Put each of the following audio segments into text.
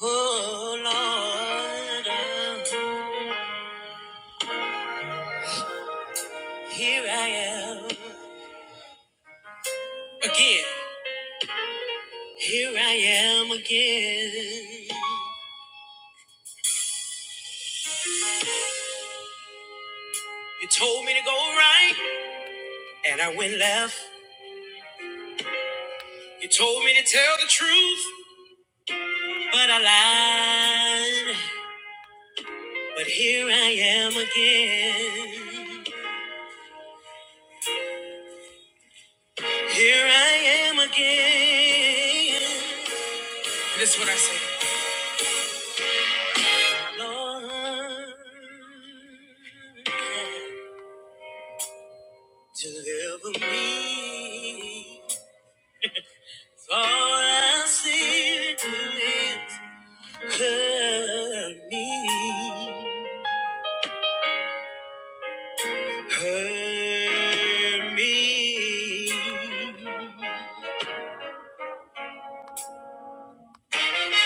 Oh Lord, here I am again. Here I am again. You told me to go right, and I went left. You told me to tell the truth, but I lied. But here I am again. Here I am again. This is what I say. Lord. Deliver me, for I see is hurt me, hurt me. Oh,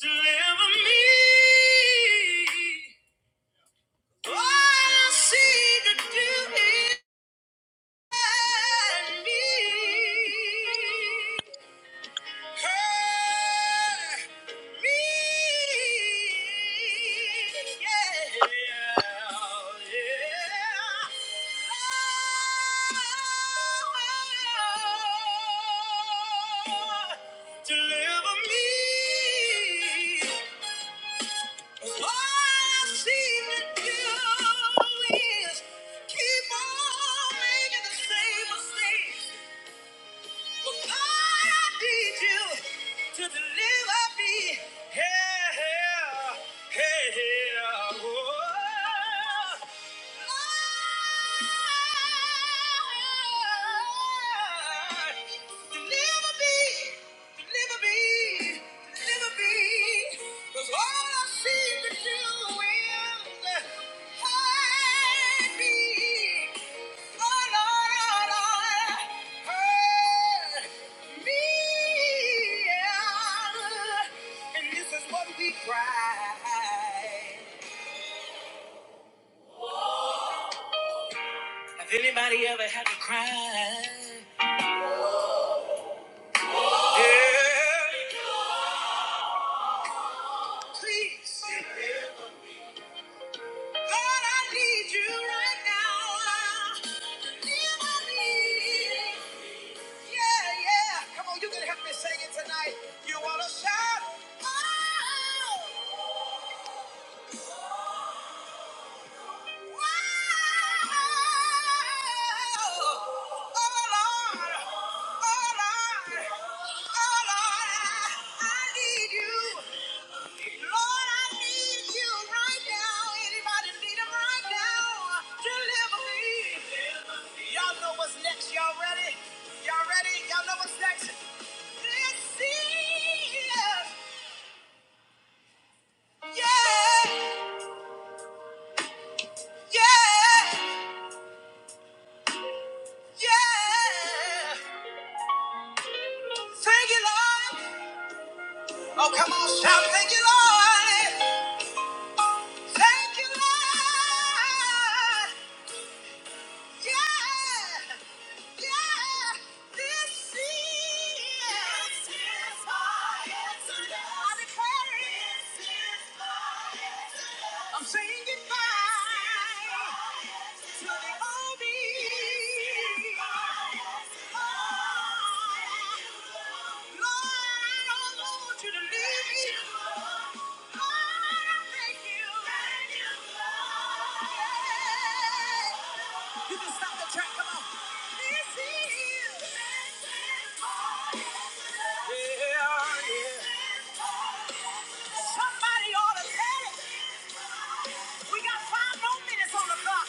deliver me. All I see to do is hurt me. Keep on making the same mistakes. But God, I need you to deliver me. Hey, hey, hey, hey, oh. Lord, deliver me, deliver me, deliver me. 'Cause all I seem to do is hide me. Have anybody ever had to cry? Yeah. Please, God, I need you right now. Feel my need. Yeah, yeah. Come on, you can help me sing it tonight. You wanna shout? Oh! Y'all ready? Y'all ready? Y'all know what's next? This is yeah, yeah, yeah. Thank you, Lord. Oh, come on, shout, thank you, Lord. Thank you, Lord. Yeah! yeah, this is- This is my answer. I declare it. This is my answer. I'm saying goodbye to the old me. This is my answer. Oh, Lord, I don't want you to leave me. Lord, I thank you. Thank you, Lord. Yeah. You can stop the track, come on. This is- Yeah, yeah. Somebody ought to tell it. We got five more minutes on the clock.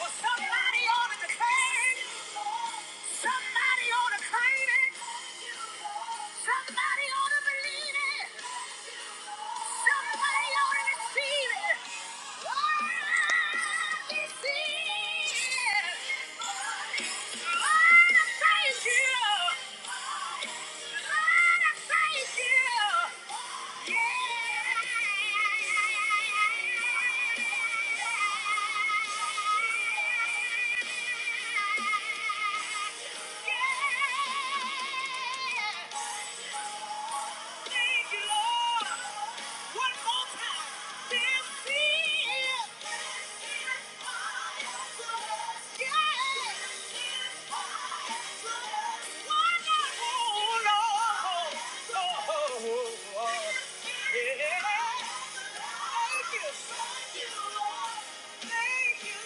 But somebody ought to declare it. Somebody ought to claim it. Somebody ought to believe it. Somebody ought to receive it. Oh, receive it. Lord, I thank you. Lord, I thank you. Yeah. Yeah. Thank you, Lord. Thank you,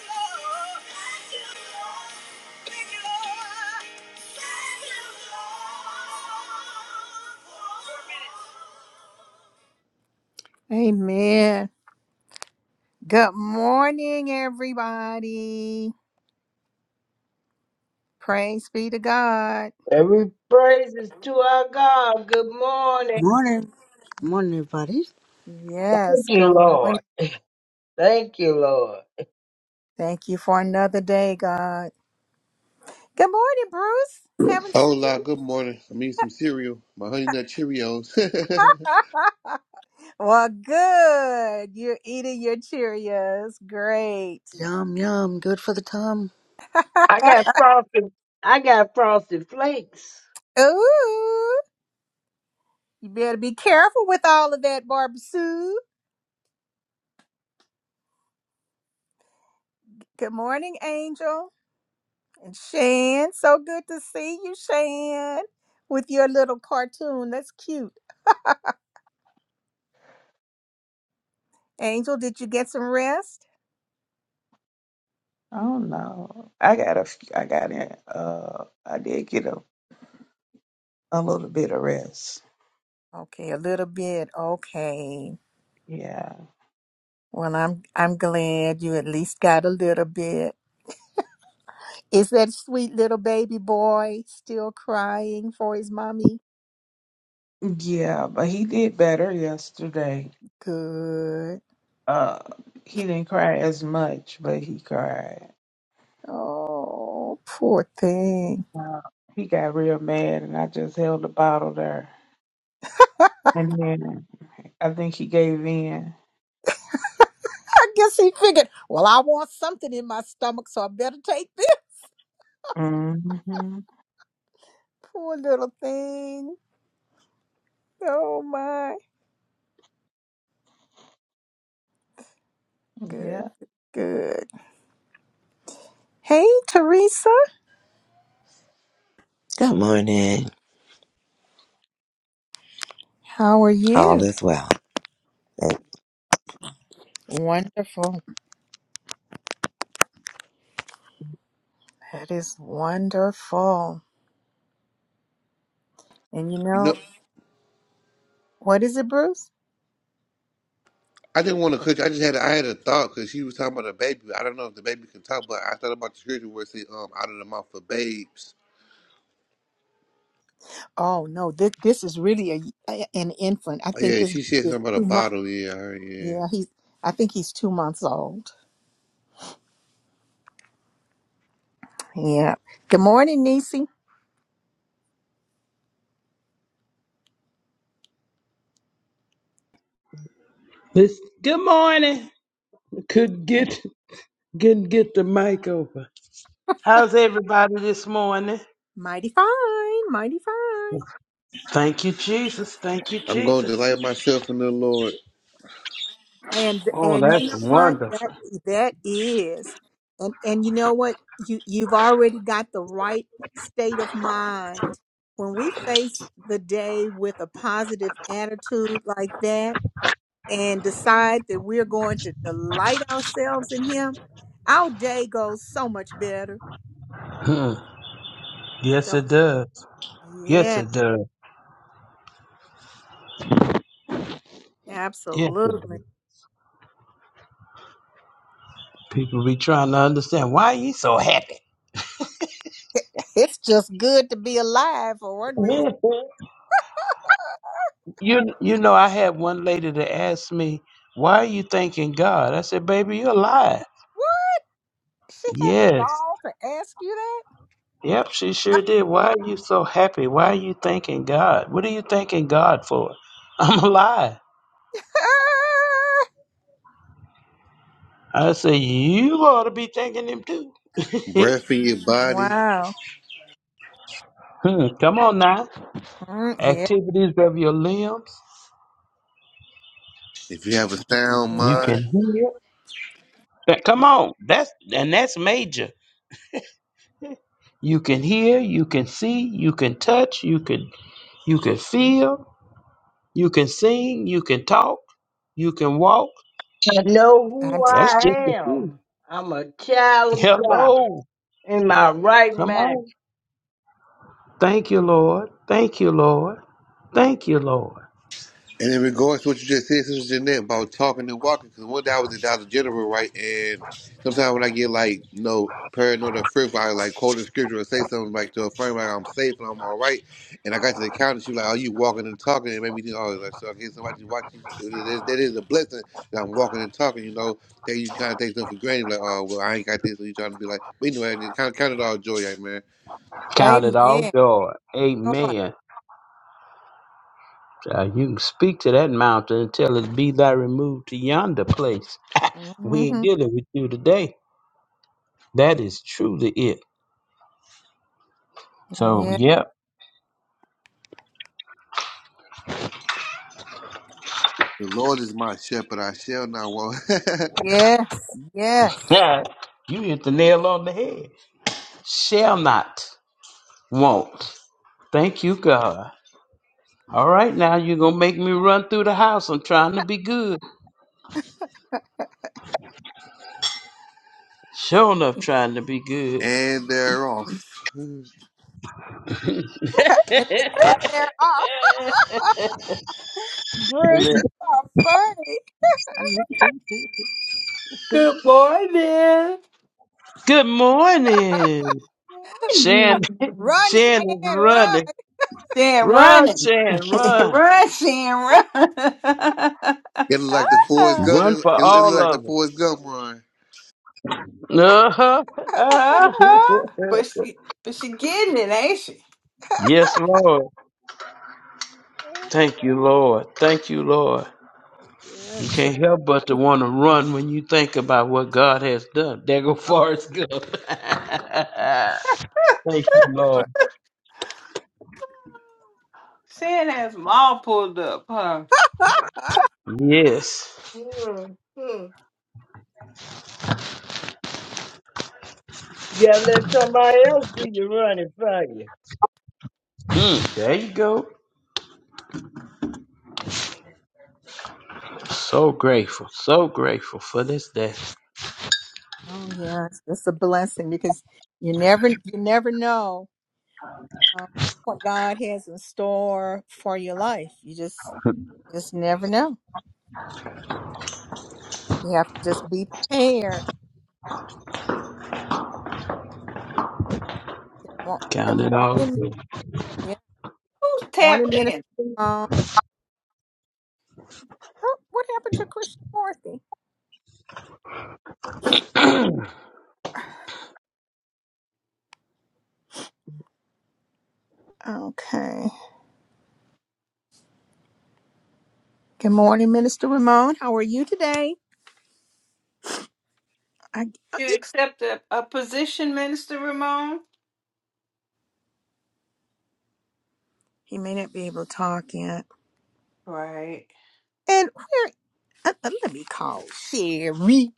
Lord. Four minutes. Amen. Good morning, everybody. Praise be to God. Every praise is to our God. Good morning. Morning. Morning, everybody. Thank Yes, you, good morning. Lord. Thank you, Lord. Thank you for another day, God. Good morning, Bruce. Haven't seen Hola, you. good morning. I'm eating some cereal, my honey nut Cheerios. Well, good. You're eating your Cheerios. Great. Yum, yum. Good for the time. I got frosted. I got frosted flakes. Ooh, you better be careful with all of that, Barbara Sue. Good morning, Angel. And Shan, so good to see you, Shan, with your little cartoon. That's cute. Angel, did you get some rest? I don't know. I got a, f- I got in, uh, I did get a, a little bit of rest. Okay, a little bit. Okay. Yeah. Well, I'm I'm glad you at least got a little bit. Is that sweet little baby boy still crying for his mommy? Yeah, but he did better yesterday. Good. Uh, he didn't cry as much, but he cried. Oh, poor thing. Uh, he got real mad, and I just held the bottle there. And then I think he gave in. I guess he figured, well, I want something in my stomach, so I better take this. Mm-hmm. Poor little thing. Oh my. Good. Good. Hey, Teresa. Good morning. How are All you? is well. Thank- Wonderful. That is wonderful. And you you know, know, what is it, Bruce? I didn't want to cook. I just had a, I had a thought because she was talking about a baby. I don't know if the baby can talk, but I thought about the scripture where it said, um, out of the mouth of babes. Oh no, this this is really a, a- an infant. I Oh, think yeah, this she said is something about a two months. bottle. Yeah, all right, yeah. Yeah, he's. I think he's two months old. Yeah. Good morning, Niecy. This good morning. Could get couldn't get the mic open. How's everybody this morning? Mighty fine, mighty fine. Thank you, Jesus. Thank you, I'm going to Jesus. delight myself in the Lord. And Oh, and you that's know what? wonderful. That that is. And and you know what? You you've already got the right state of mind. When we face the day with a positive attitude like that, and decide that we're going to delight ourselves in Him, our day goes so much better. Huh. yes, So, it does. Yes, yeah, it does. Yes, it absolutely. does. People be trying to understand why you so happy. It- It's just good to be alive for one reason. you you know, I had one lady that asked me, "Why are you thanking God?" I said, "Baby, you're alive." What? She had the Yes. gall to ask you that? Yep, she sure I'm- did. Why are you so happy? Why are you thanking God? What are you thanking God for? I'm alive. Ah! I say you ought to be thanking Him too. Breath in your body. wow. Hmm, Come on now. Mm, yeah, Activities of your limbs. If you have a sound You yeah. mind. can hear. That- Come on. That's and that's major. You can hear. You can see. You can touch. You can you can feel. You can sing. You can talk. You can walk. I know I'm who That's telling just I the food. am. I'm a child of God Hello. in my right Come mind. on. Thank you, Lord. Thank you, Lord. Thank you, Lord. And in regards to what you just said, Sister Jeanette, about talking and walking, because one day I was in Dollar General, right? And sometimes when I get like, you know, paranoid or fearful, I like quote a scripture or say something like to a friend, like I'm safe and I'm all right. And I got to the counter, she was like, "Are you walking and talking. And it made me think, Oh, like, so I guess somebody just watching. That that is a blessing that I'm walking and talking, you know, that you kind of take stuff for granted. Like, Oh, well, I ain't got this. So you trying to be like, but anyway, it kind of counted all joy, like, man. Count it all Amen. joy. Lord. Amen. Child, you can speak to that mountain and tell it be thy removed to yonder place. We ain't hmm dealing with you today. That is truly it. So, Yeah. yep. The Lord is my shepherd, I shall not want. Yes. Yes. Yeah. You hit the nail on the head. Shall not, won't. Thank you, God. All right, now you're going to make me run through the house. I'm trying to be good. Sure enough, trying to be good. and they're off. And, and they're off. Bruce, you are funny. Good morning. Good morning. Shan, Morning. Run, Shan is Shan, run. running. Sam Run, running. Shan, run. run, Sam, run. It look like the Forrest uh-huh. Gump. It, Run it, for it look all like the of Forrest Gump run. it. Uh-huh. But she but she getting it, ain't she? Yes, Lord. Thank you, Lord. Thank you, Lord. Yeah, You can't help but to want to run when you think about what God has done. There go Forrest Gump. Thank you, Lord. but- Sam has them all pulled up, huh? Yes. hmm Who's You gotta let somebody else do your running for you. Mm, there you go. So grateful. So grateful for this day. oh yeah, it's, it's a blessing because you never you never know uh, what God has in store for your life. You just just never know. You have to just be prepared. Good mor- good Count it all. morning, yeah, tapped morning, minister. in? Um, oh, what happened to Christian Morphy? Okay. Good morning, Minister Ramon. How are you today? I, oh, You yeah. accept a, a position, Minister Ramon? he may not be able to talk yet. Right. And where? uh, uh, let me call Sherry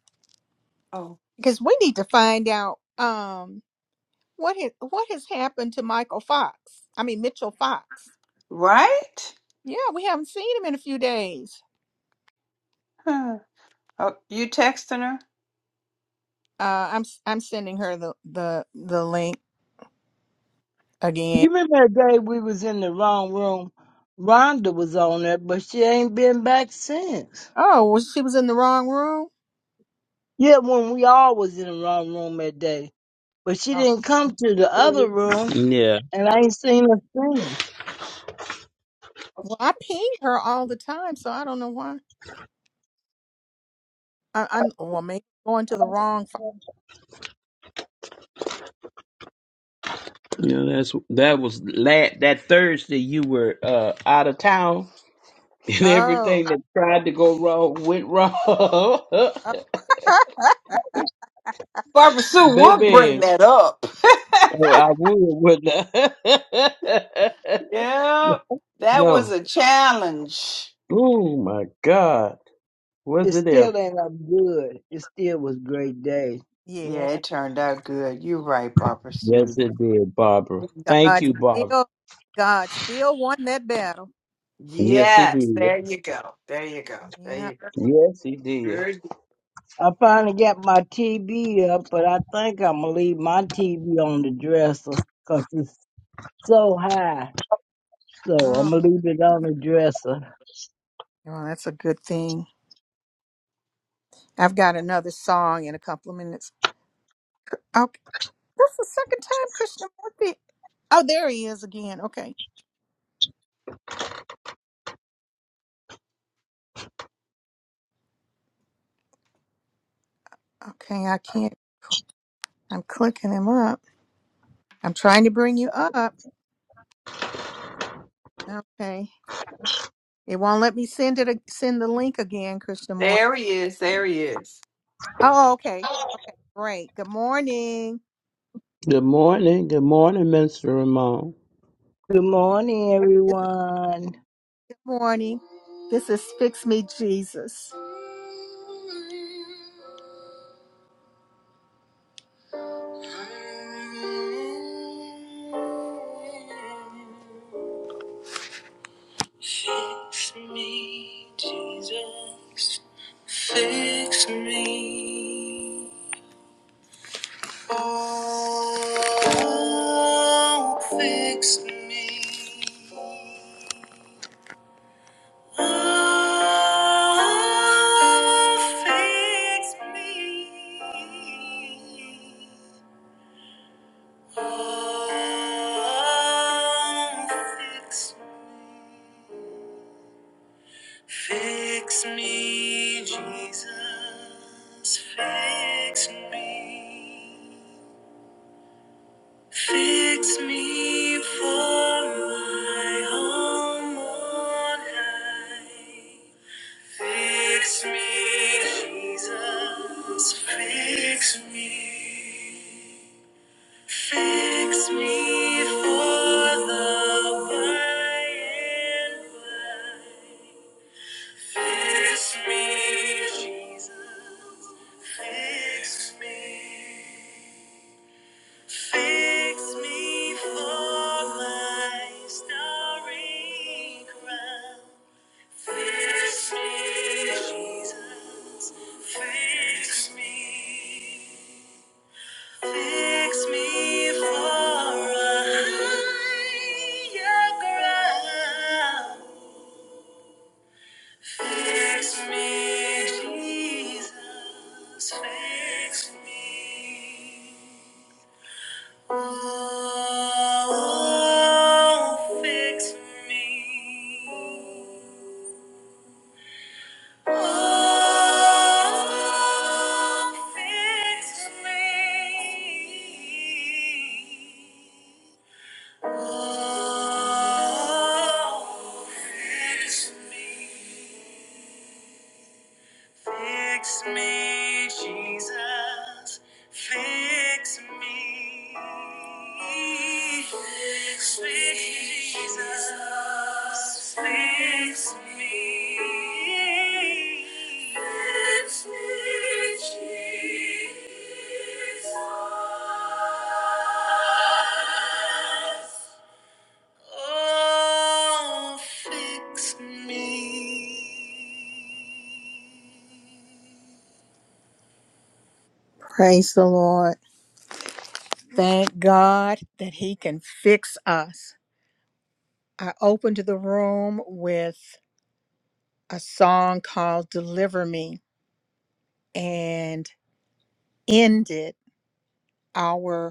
Oh. because we need to find out um what has what has happened to Michael Fox. I mean Mitchell Fox. Right? Yeah, we haven't seen him in a few days. Huh. Oh, you texting her? Uh, I'm s- I'm sending her the the the link again. You remember the day we was in the wrong room? Rhonda was on there, but she ain't been back since. Oh, well, she was in the wrong room. Yeah, when we all was in the wrong room that day. But she Oh, didn't come to the other room yeah, And I ain't seen it since. Well, I ping her all the time, so I don't know why. I, I well maybe going to the wrong. fi- Yeah, that's that was la that Thursday you were uh out of town and Oh, everything that tried to go wrong went wrong. oh Barbara Sue would bring Baby, that up. oh, I would wouldn't I? Yep. That was No. a challenge. Oh my God. Was It it ever? still ain't up good. It still was great day. Yeah, yeah. it turned out good. You're right, Barbara Yes Sue. it did, Barbara. Thank God Mhm. you, Barbara. still God still won that battle. Yes he Yes, did. there you go. There you go. There Yeah. you go. Yes he did. Sure. I finally got my TV up, but I think I'm gonna leave my TV on the dresser 'cause it's so high. So oh. I'm gonna leave it on the dresser. Well, that's a good thing. I've got another song in a couple of minutes. Okay, that's the second time Krishnamurti. Oh, there he is again. Okay, okay, I can't. I'm clicking him up. I'm trying to bring you up. Okay, it won't let me send it. a- Send the link again, Krishnamurti. There he is. There he is. Oh, okay, okay, great. Good morning. Good morning. Good morning, Mr. Ramon. Good morning, This is everyone. good morning. This is Fix Me Jesus. Fix me, Jesus. Fix me. Oh, fix me. Oh, fix me. Oh, fix me. Fix me, Jesus. Fix me. Fix me for my home on high. Fix me, Jesus. Fix me. Fix me for the by and by. Fix me, Jesus. Fix me. Fix me for my starry crown. Fix me, Jesus. Fix me. Fix me for a higher ground. Fix me, Jesus. Fix me. Oh, oh, fix me. Oh, fix me. Oh, fix me. Fix me, Jesus. Fix me. Fix me, Jesus. Fix me. Fix me, Jesus. Oh, fix me. Praise the Lord. Thank God that He can fix us. I opened the room with a song called Deliver Me and ended. our.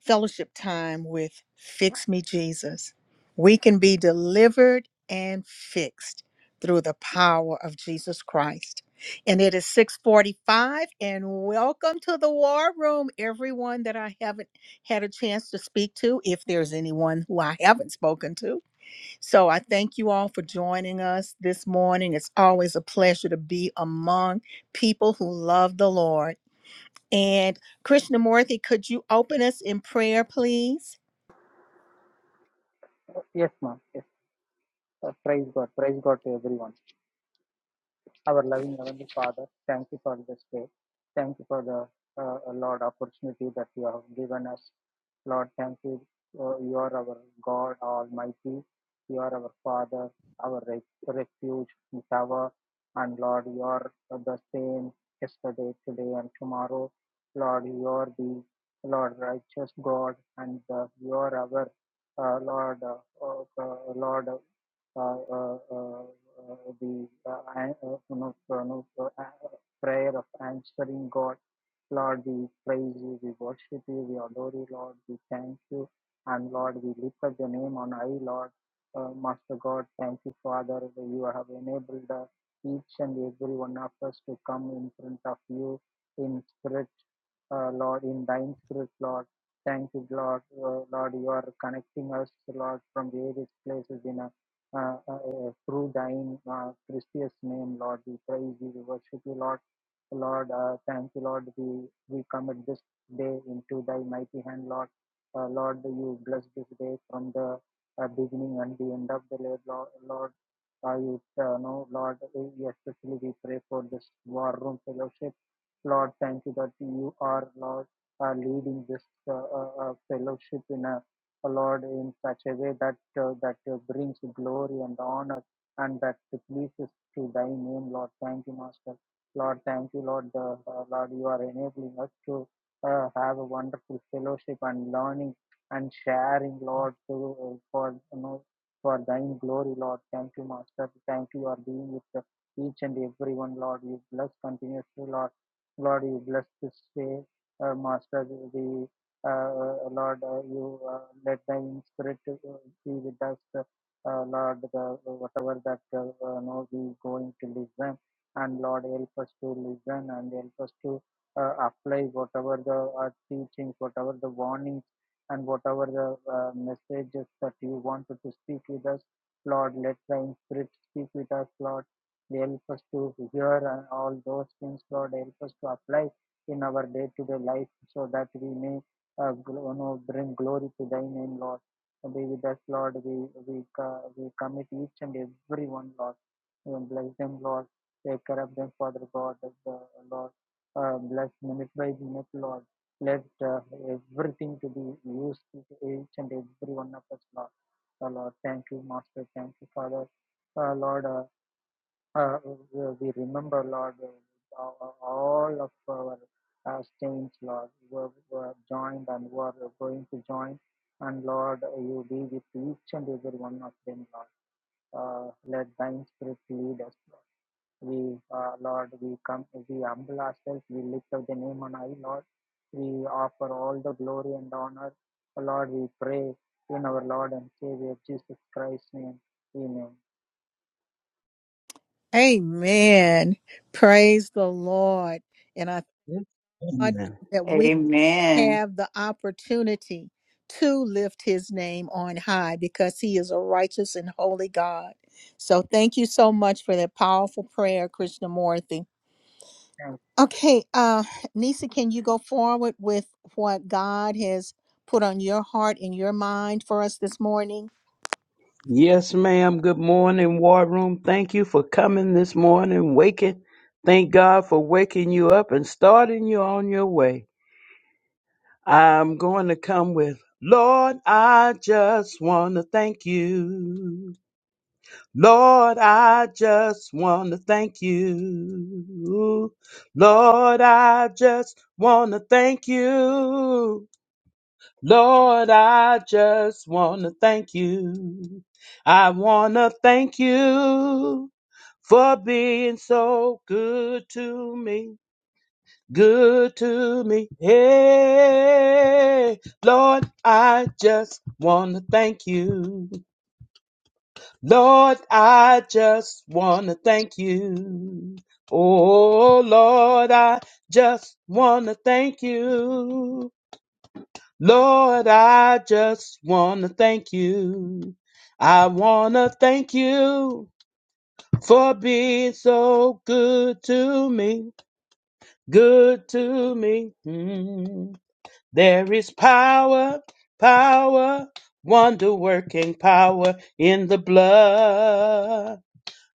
fellowship time with Fix Me Jesus. We can be delivered and fixed through the power of Jesus Christ. And it is 645 and welcome to the war room, everyone that I haven't had a chance to speak to, if there's anyone who I haven't spoken to. So I thank you all for joining us this morning. It's always a pleasure to be among people who love the Lord and Krishnamurti, could you open us in prayer, please? Yes, ma'am. Yes. Uh, praise God. Praise God to everyone. Our loving Heavenly Father, thank you for this day. Thank you for the uh, uh, Lord opportunity that you have given us. Lord, thank you. Uh, you are our God Almighty. You are our Father, our re- refuge, and tower. And Lord, you are uh, the same yesterday, today, and tomorrow. Lord, you are the Lord righteous God, and uh, you are our uh, Lord, uh, uh, Lord uh, uh, uh, uh, the uh, uh, you know, uh, you know, uh, uh, prayer of answering God. Lord, we praise you, we worship you, we adore you, Lord, we thank you, and Lord, we lift up your name on high, Lord. Uh, Master God, thank you, Father, that you have enabled uh, each and every one of us to come in front of you in spirit, uh, Lord, in thine spirit, Lord. Thank you, Lord. Uh, Lord, you are connecting us, Lord, from various places in a uh, uh, uh, through thine uh, precious name, Lord. We praise you, we worship you, Lord. Lord, uh, thank you, Lord. We, we commit this day into thy mighty hand, Lord. Uh, Lord, you bless this day from the uh, beginning and the end of the day, Lord. Lord uh, you uh, know, Lord, uh, we especially we pray for this war room fellowship. Lord, thank you that you are, Lord, uh, leading this uh, uh, uh, fellowship in a O Lord, in such a way that uh, that uh, brings glory and honor and that pleases to Thy name, Lord. Thank you, Master. Lord, thank you, Lord. Uh, uh, Lord, you are enabling us to uh, have a wonderful fellowship and learning and sharing, Lord, to, uh, for you know for Thine glory, Lord. Thank you, Master. Thank you, you are being with uh, each and everyone, Lord. You bless continuously, Lord. Lord, you bless this day, uh, Master. the uh, Lord, uh, you uh, let the Spirit uh, be with us, uh, uh, Lord, the, whatever that uh, uh, no, we going to listen, and Lord, help us to listen and help us to uh, apply whatever the uh, teachings, whatever the warnings, and whatever the uh, messages that you wanted to speak with us, Lord, let the Spirit speak with us, Lord. Help us to hear and all those things, Lord. Help us to apply in our day-to-day life so that we may uh, gl- you know, bring glory to thy name, Lord. Be with us, Lord. We we, co- we commit each and every one, Lord. Uh, Bless them, Lord. Take care of them, Father God, uh, Lord. Uh, bless minute by minute, Lord. Let uh, everything to be used to each and every one of us, Lord. Uh, Lord, thank you, Master. Thank you, Father. Uh, Lord, uh, uh, uh, we remember, Lord, uh, uh, all of our uh, saints, Lord, were, were joined and were going to join. And Lord, you be with each and every one of them, Lord. Uh, let thine spirit lead us, Lord. We, uh, Lord, we come, we humble ourselves, we lift up the name on high, Lord. We offer all the glory and honor. Lord, we pray in our Lord and Savior Jesus Christ's name. Amen. Amen. Praise the Lord. And I Yes. thought that we Amen. have the opportunity to lift his name on high because he is a righteous and holy God. So thank you so much for that powerful prayer, Krishnamurti. Thanks, Okay, uh, Nisa, can you go forward with what God has put on your heart and your mind for us this morning? Yes, ma'am. Good morning, War Room. Thank you for coming this morning, waking. Thank God for waking you up and starting you on your way. I'm going to come with, Lord, I just want to thank you. Lord, I just want to thank you. Lord, I just want to thank you. Lord, I just want to thank you. I want to thank you for being so good to me. Good to me. Hey, Lord, I just want to thank you. Lord, I just want to thank you. Oh, Lord, I just want to thank you. Lord, I just want to thank you. I want to thank you for being so good to me. Good to me. Mm. There is power, power, wonder working power in the blood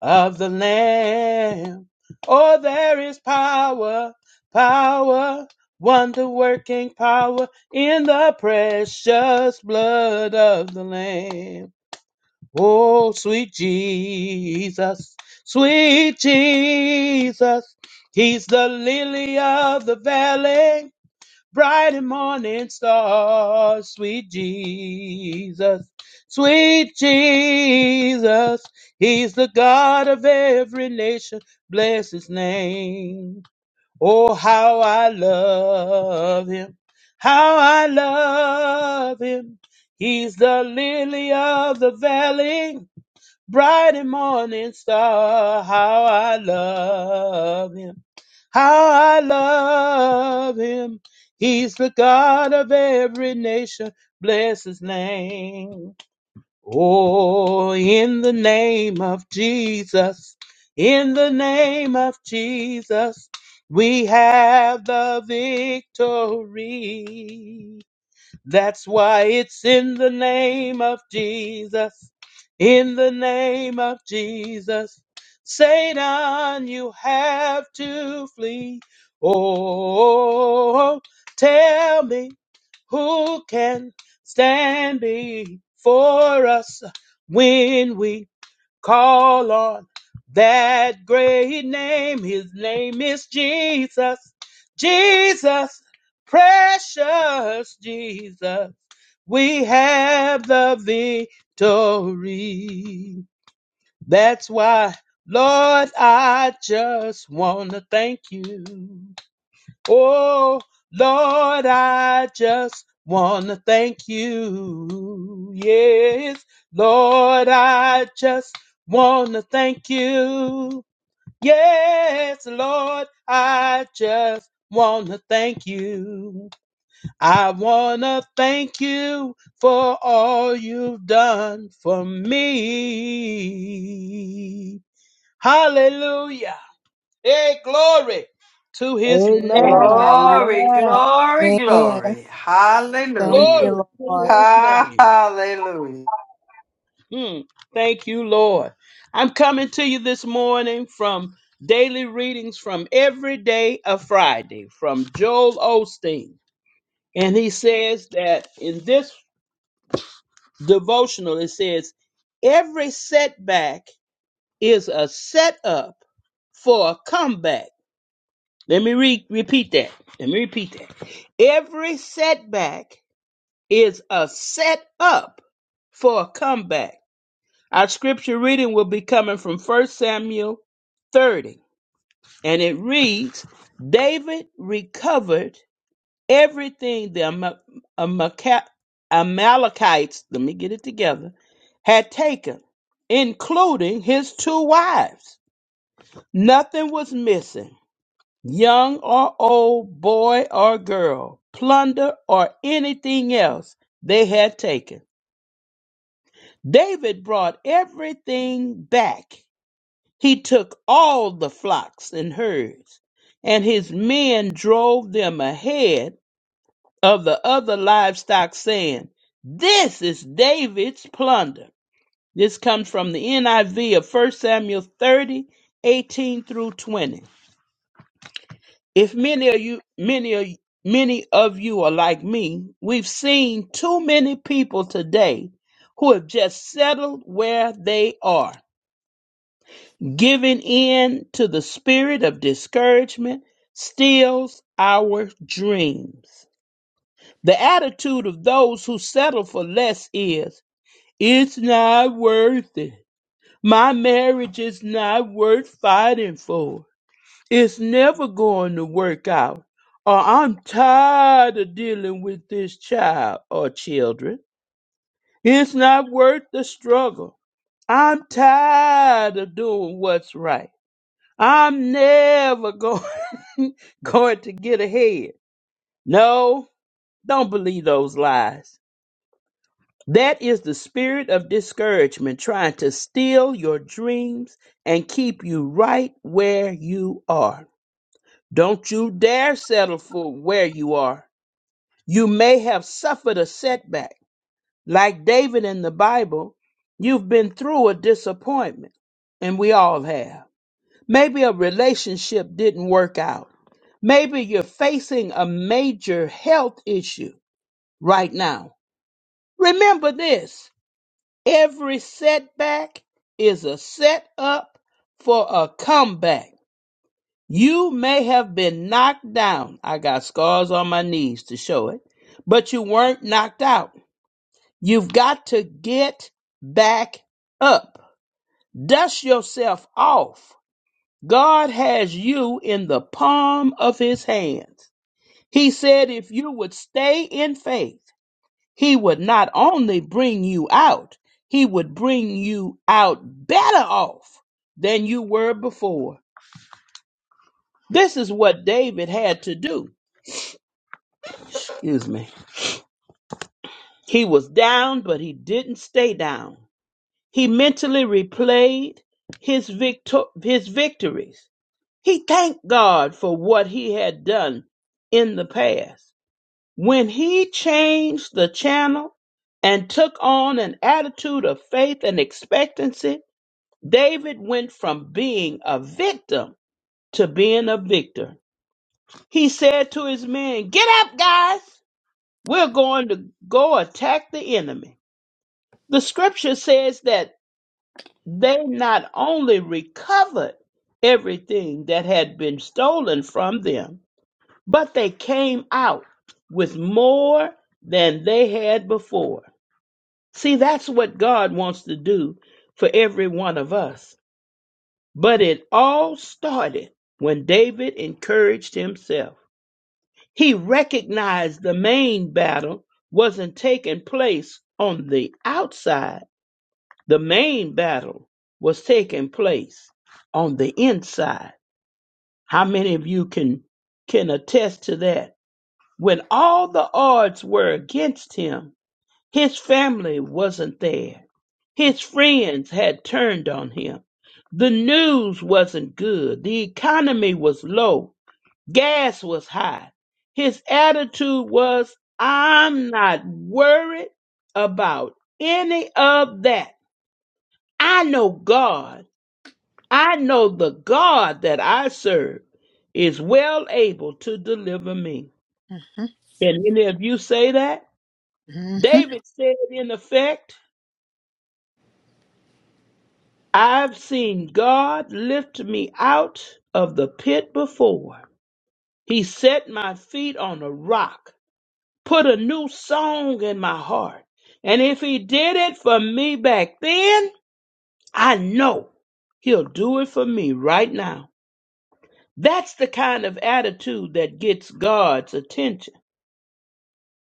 of the Lamb. Oh, there is power, power, wonder working power in the precious blood of the Lamb. Oh, sweet Jesus, sweet Jesus, He's the lily of the valley bright and morning star, sweet Jesus, sweet Jesus. He's the God of every nation. Bless his name. Oh, how I love him. How I love him. He's the lily of the valley, bright and morning star. How I love him. How I love him. He's the God of every nation. Bless his name. Oh, in the name of Jesus, in the name of Jesus, we have the victory. That's why it's in the name of Jesus. In the name of Jesus. Satan, you have to flee. Oh, tell me who can stand before us when we Call on that great name. His name is Jesus. Jesus, precious Jesus. We have the victory. That's why, Lord, I just want to thank you. Oh, Lord, I just want to thank you. Yes, Lord, I just want to thank you. Yes, Lord, I just want to thank you. I want to thank you for all you've done for me. Hallelujah. Hey, glory to his name. Amen. Glory, Amen. glory, Amen. glory. Thank Glory Hallelujah. you, Lord. to his Ha, name. hallelujah. Hmm. Thank you, Lord. I'm coming to you this morning from daily readings from every day of Friday from Joel Osteen. And he says that in this devotional, it says, every setback is a setup for a comeback. Let me re- repeat that. Let me repeat that. Every setback is a setup for a comeback. Our scripture reading will be coming from First Samuel 30, and it reads David recovered everything the Ama- Amaca- Amalekites, let me get it together, had taken, including his two wives. Nothing was missing, young or old, boy or girl, plunder or anything else they had taken. David brought everything back He took all the flocks and herds, and his men drove them ahead of the other livestock, saying, This is David's plunder. This comes from the NIV of First Samuel 30 18 through 20. If many of you, many of many of you are like me, we've seen too many people today who have just settled where they are Giving in to the spirit of discouragement steals our dreams. The attitude of those who settle for less is, it's not worth it. My marriage is not worth fighting for. It's never going to work out. Or I'm tired of dealing with this child or children. It's not worth the struggle. I'm tired of doing what's right. I'm never going, going to get ahead. No, don't believe those lies. That is the spirit of discouragement trying to steal your dreams and keep you right where you are. Don't you dare settle for where you are. You may have suffered a setback. Like David in the Bible, you've been through a disappointment, and we all have. Maybe a relationship didn't work out Maybe you're facing a major health issue right now. Remember this every setback is a setup for a comeback. You may have been knocked down. I got scars on my knees to show it, but you weren't knocked out. You've got to get back up, dust yourself off. God has you in the palm of his hand. He said, if you would stay in faith, he would not only bring you out, he would bring you out better off than you were before. This is what David had to do. Excuse me. He was down, but he didn't stay down. He mentally replayed his, victo- his victories. He thanked God for what he had done in the past. When he changed the channel and took on an attitude of faith and expectancy, David went from being a victim to being a victor. He said to his men, Get up, guys! We're going to go attack the enemy. The scripture says that they not only recovered everything that had been stolen from them, but they came out with more than they had before. See, that's what God wants to do for every one of us. But it all started when David encouraged himself. He recognized the main battle wasn't taking place on the outside, the main battle was taking place on the inside. How many of you can, can attest to that? When all the odds were against him, His family wasn't there. His friends had turned on him. The news wasn't good. The economy was low. Gas was high. His attitude was, I'm not worried about any of that. I know God. I know the God that I serve is well able to deliver me. hmm Can any of you say that? hmm David said, in effect, I've seen God lift me out of the pit before. He set my feet on a rock, put a new song in my heart. And if He did it for me back then, I know He'll do it for me right now. That's the kind of attitude that gets God's attention.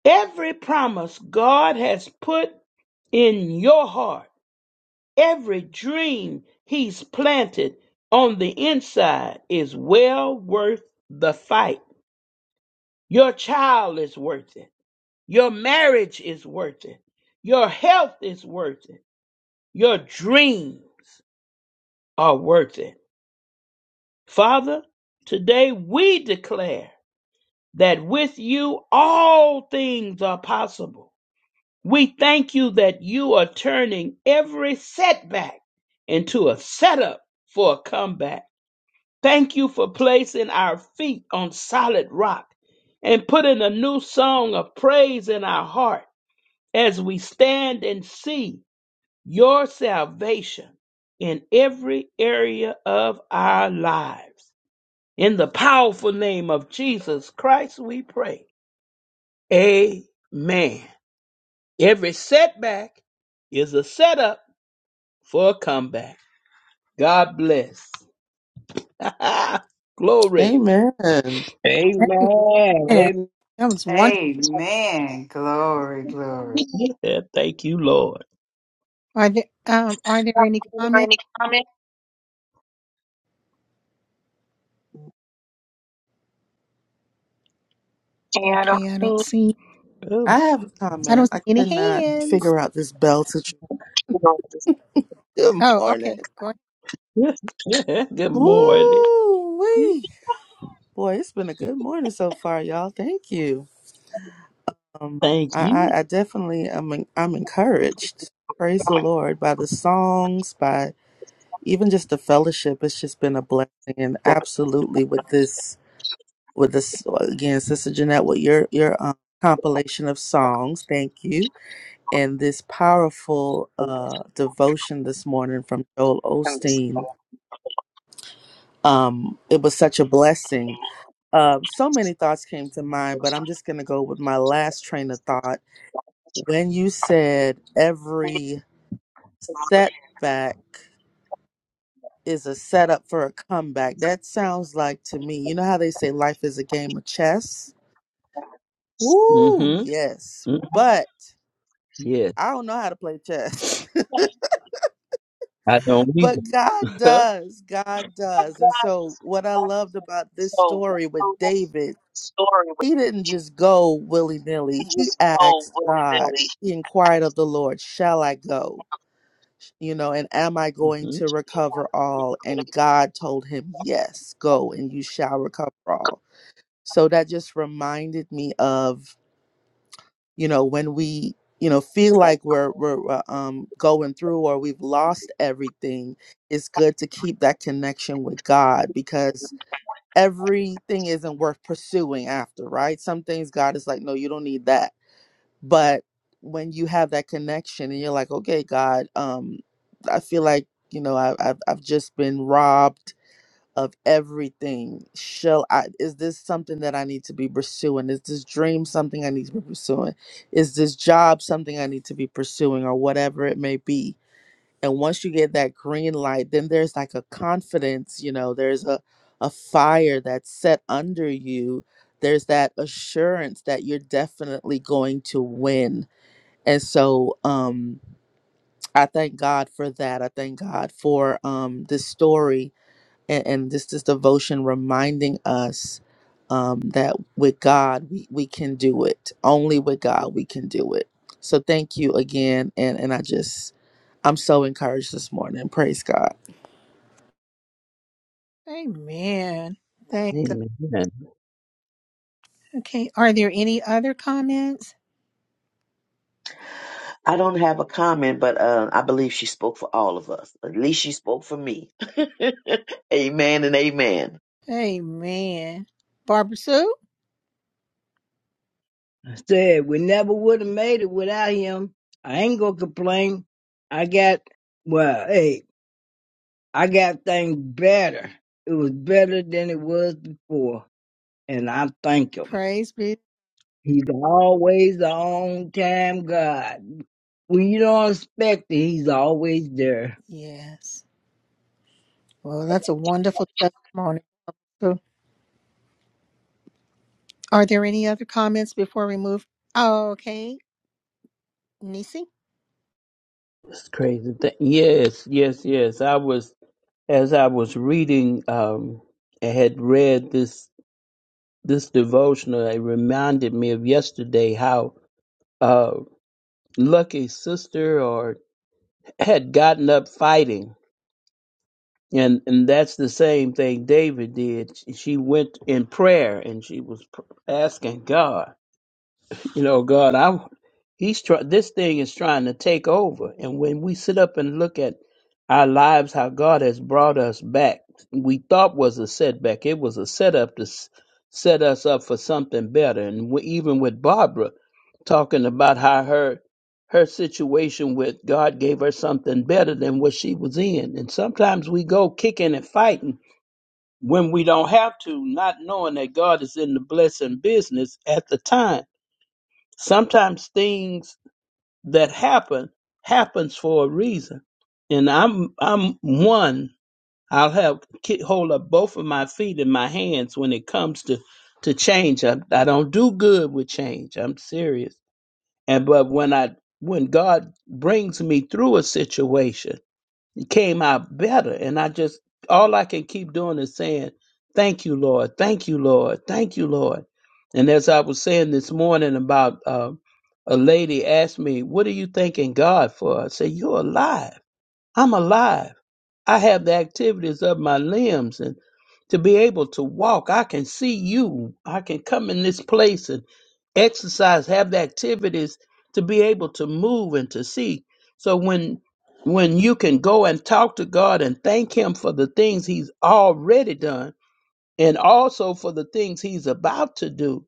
Every promise God has put in your heart. Every dream he's planted on the inside is well worth the fight. Your child is worth it. Your marriage is worth it. Your health is worth it. Your dreams are worth it. Father, today we declare that with you all things are possible. We thank you that you are turning every setback into a setup for a comeback. Thank you for placing our feet on solid rock and putting a new song of praise in our heart as we stand and see your salvation in every area of our lives. In the powerful name of Jesus Christ, we pray. Amen. Every setback is a setup for a comeback. God bless. Glory. Amen. Amen. Amen. Amen. That was wonderful. Amen. Glory, glory. Thank you, Lord. Are there um are there Um, any Are there comments? any comments? Yeah, I don't Okay, I don't see. see I have a I don't comment. see I any could not hands. figure out this bell situation. Good, Good Oh, okay. morning. Go ahead. good morning. Ooh wee. Boy, it's been a good morning so far, y'all. Thank you. Um, Thank I, you. I, I definitely am en- I'm encouraged. Praise the Lord by the songs, by even just the fellowship. It's just been a blessing and absolutely with this with this again, Sister Jeanette, with your your um, compilation of songs. Thank you. and this powerful uh, devotion this morning from Joel Osteen. Um, it was such a blessing. Uh, so many thoughts came to mind, but I'm just going to go with my last train of thought. When you said every setback is a setup for a comeback, that sounds like to me, you know how they say life is a game of chess? Woo, Mm-hmm. yes. mm But Yes, I don't know how to play chess. I don't But either. God Huh? does. God does. And so, what I loved about this story with David, he didn't just go willy nilly. He asked God, he inquired of the Lord, Shall I go? You know, and am I going hmm to recover all? And God told him, Yes, go and you shall recover all. So, that just reminded me of you know when we you know feel like we're we're uh, um going through or we've lost everything it's good to keep that connection with god because everything isn't worth pursuing after right some things god is like no you don't need that but when you have that connection and you're like okay god um i feel like you know I, I've, I've just been robbed of everything shall i is this something that i need to be pursuing is this dream something i need to be pursuing is this job something i need to be pursuing or whatever it may be and once you get that green light then there's like a confidence you know there's a a fire that's set under you there's that assurance that you're definitely going to win and so um i thank god for that i thank god for um this story and, and this is devotion reminding us um, that with God we, we can do it. Only with God we can do it. So thank you again, and and I just I'm so encouraged this morning. Praise God. Amen. Thank God. Amen. Okay. Are there any other comments? I don't have a comment, but uh, I believe she spoke for all of us. At least she spoke for me. Amen and amen. Amen. Barbara Sue, I said we never would have made it without him. I ain't gonna complain. I got well. Hey, I got things better. It was better than it was before. And I thank him. praise be. He's always the on time God. When you don't expect it, he's always there. Yes. Well, that's a wonderful testimony. So, are there any other comments before we move? Oh, okay. Nisi. It's crazy. Thing. Yes, yes, yes. I was as I was reading. Um, I had read this this devotional. It reminded me of yesterday how uh, lucky sister or had gotten up fighting. And and that's the same thing David did. She went in prayer and she was pr- asking God. You know, God, I he's try, this thing is trying to take over, and when we sit up and look at our lives, how God has brought us back, we thought was a setback. It was a setup to s- set us up for something better. And we, even with Barbara talking about how her her situation with God gave her something better than what she was in. And sometimes we go kicking and fighting when we don't have to, not knowing that God is in the blessing business at the time sometimes things that happen happens for a reason and i'm i'm one i'll have ki- hold up both of my feet in my hands when it comes to to change I, I don't do good with change i'm serious and but when i when god brings me through a situation came out better. And I just, all I can keep doing is saying, Thank you, Lord. Thank you, Lord. Thank you, Lord. And as I was saying this morning about um, a lady asked me, What are you thanking God for? I said, You're alive. I'm alive. I have the activities of my limbs and to be able to walk. I can see you. I can come in this place and exercise, have the activities to be able to move and to see. So when when you can go and talk to God and thank him for the things he's already done and also for the things he's about to do,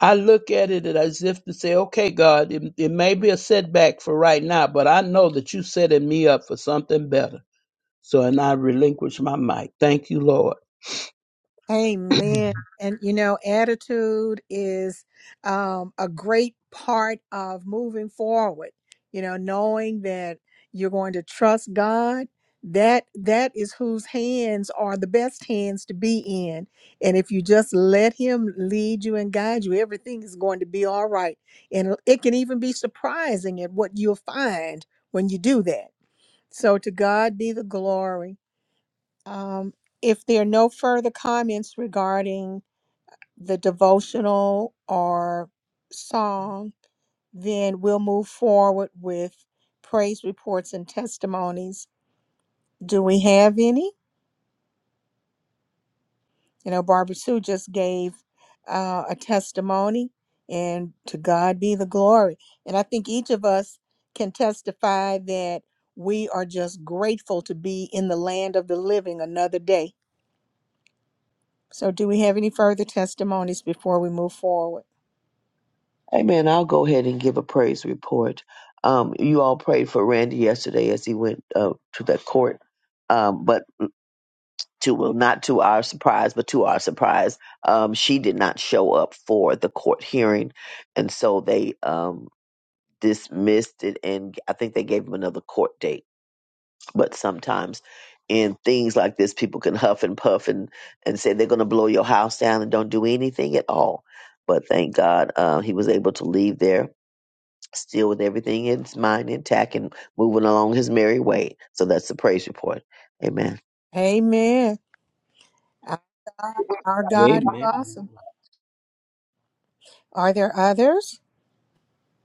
I look at it as if to say, okay, God, it, it may be a setback for right now, but I know that you setting me up for something better. So, and I relinquish my mic. Thank you, Lord. Amen. And you know, attitude is um, a great part of moving forward. You know, knowing that you're going to trust God, that that is whose hands are the best hands to be in. And if you just let Him lead you and guide you, everything is going to be all right. And it can even be surprising at what you'll find when you do that. So to God be the glory. Um, if there are no further comments regarding the devotional or song, then we'll move forward with praise reports and testimonies. Do we have any? You know, Barbara Sue just gave uh, a testimony, and to God be the glory. And I think each of us can testify that we are just grateful to be in the land of the living another day So, do we have any further testimonies before we move forward? Amen. I'll go ahead and give a praise report. Um, you all prayed for Randy yesterday as he went uh, to that court, um, but to well, not to our surprise, but to our surprise, um, she did not show up for the court hearing, and so they um, dismissed it, and I think they gave him another court date. but sometimes in things like this people can huff and puff and, and say they're going to blow your house down and don't do anything at all but thank god uh, he was able to leave there still with everything in his mind intact and moving along his merry way so that's the praise report amen Amen. Our God, our God is awesome. Are there others?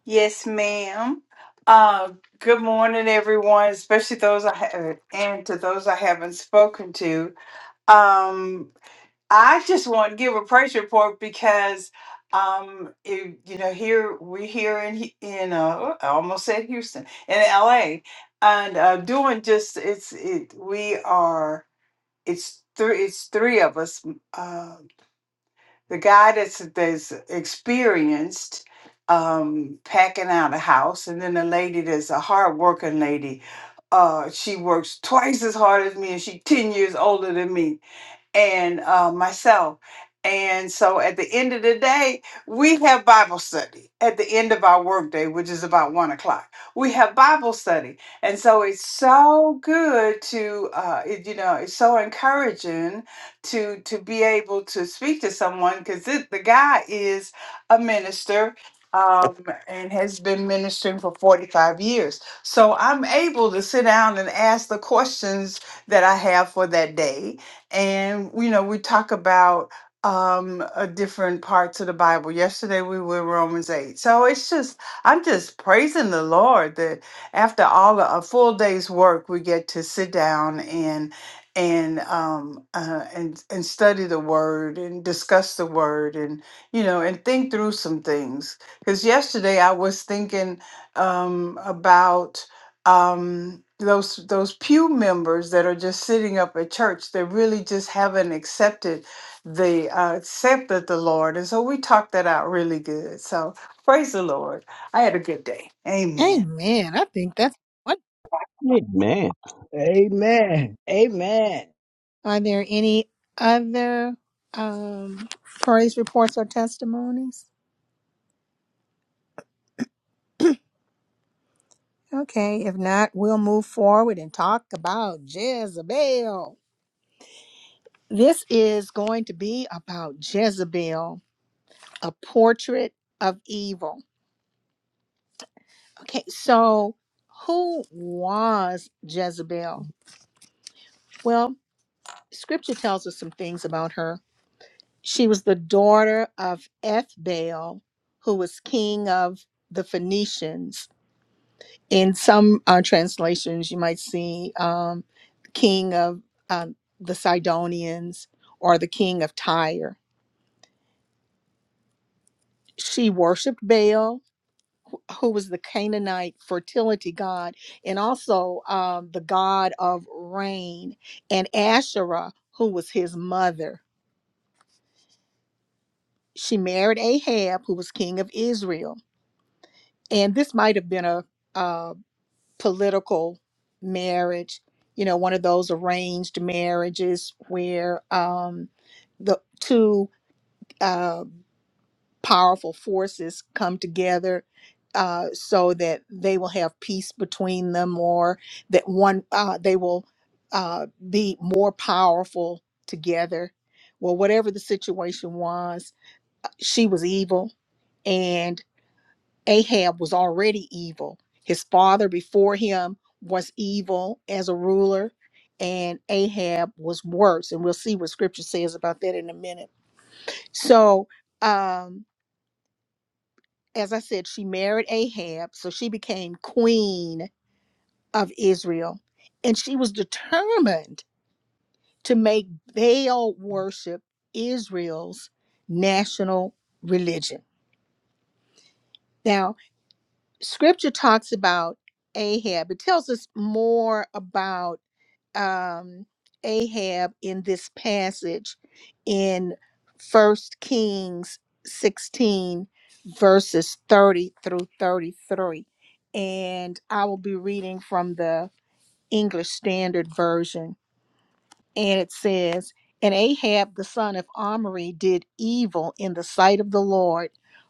Yes, ma'am. Uh, good morning, everyone, especially those I have, and to those I haven't spoken to. Um, I just want to give a praise report because, um, it, you know, here we're here in Hu- in uh, I almost said Houston in L.A. and uh, doing just it's it we are it's three it's three of us the guy that's that's experienced um packing out a house and then the lady that's a hard working lady uh she works twice as hard as me and she 10 years older than me and uh, myself. And so at the end of the day, we have Bible study at the end of our workday, which is about one o'clock. We have Bible study. And so it's so good to, uh, it, you know, it's so encouraging to to be able to speak to someone because the guy is a minister um, and has been ministering for 45 years. So I'm able to sit down and ask the questions that I have for that day and you know we talk about um uh, different parts of the bible yesterday we were in romans 8 so it's just i'm just praising the lord that after all a a full day's work we get to sit down and and um uh, and and study the word and discuss the word and you know and think through some things because yesterday i was thinking um about um, those those pew members that are just sitting up at church they really just haven't accepted the uh, accepted the Lord, and so we talked that out really good. So praise the Lord. I had a good day. Amen. Amen. I think that's what. Amen. Amen. Amen. Are there any other um, praise reports or testimonies? Okay, if not, we'll move forward and talk about Jezebel. This is going to be about Jezebel, a portrait of evil. Okay, so who was Jezebel? Well, scripture tells us some things about her. She was the daughter of Ethbaal, who was king of the Phoenicians. In some uh, translations, you might see um, king of um, the Sidonians or the king of Tyre. She worshiped Baal who was the Canaanite fertility god, and also um, the god of rain, and Asherah, who was his mother. She married Ahab, who was king of Israel. And this might have been a, a political marriage, you know, one of those arranged marriages where um, the two. Uh, powerful forces come together uh, so that they will have peace between them or that one uh, they will uh, be more powerful together well whatever the situation was uh, she was evil and ahab was already evil his father before him was evil as a ruler and ahab was worse and we'll see what scripture says about that in a minute so um as I said, she married Ahab, so she became queen of Israel. And she was determined to make Baal worship Israel's national religion. Now. scripture talks about Ahab. It tells us more about um, Ahab in this passage in First Kings 16, verses 30 through 33. And I will be reading from the English Standard Version. And it says, And Ahab the son of Omri did evil in the sight of the Lord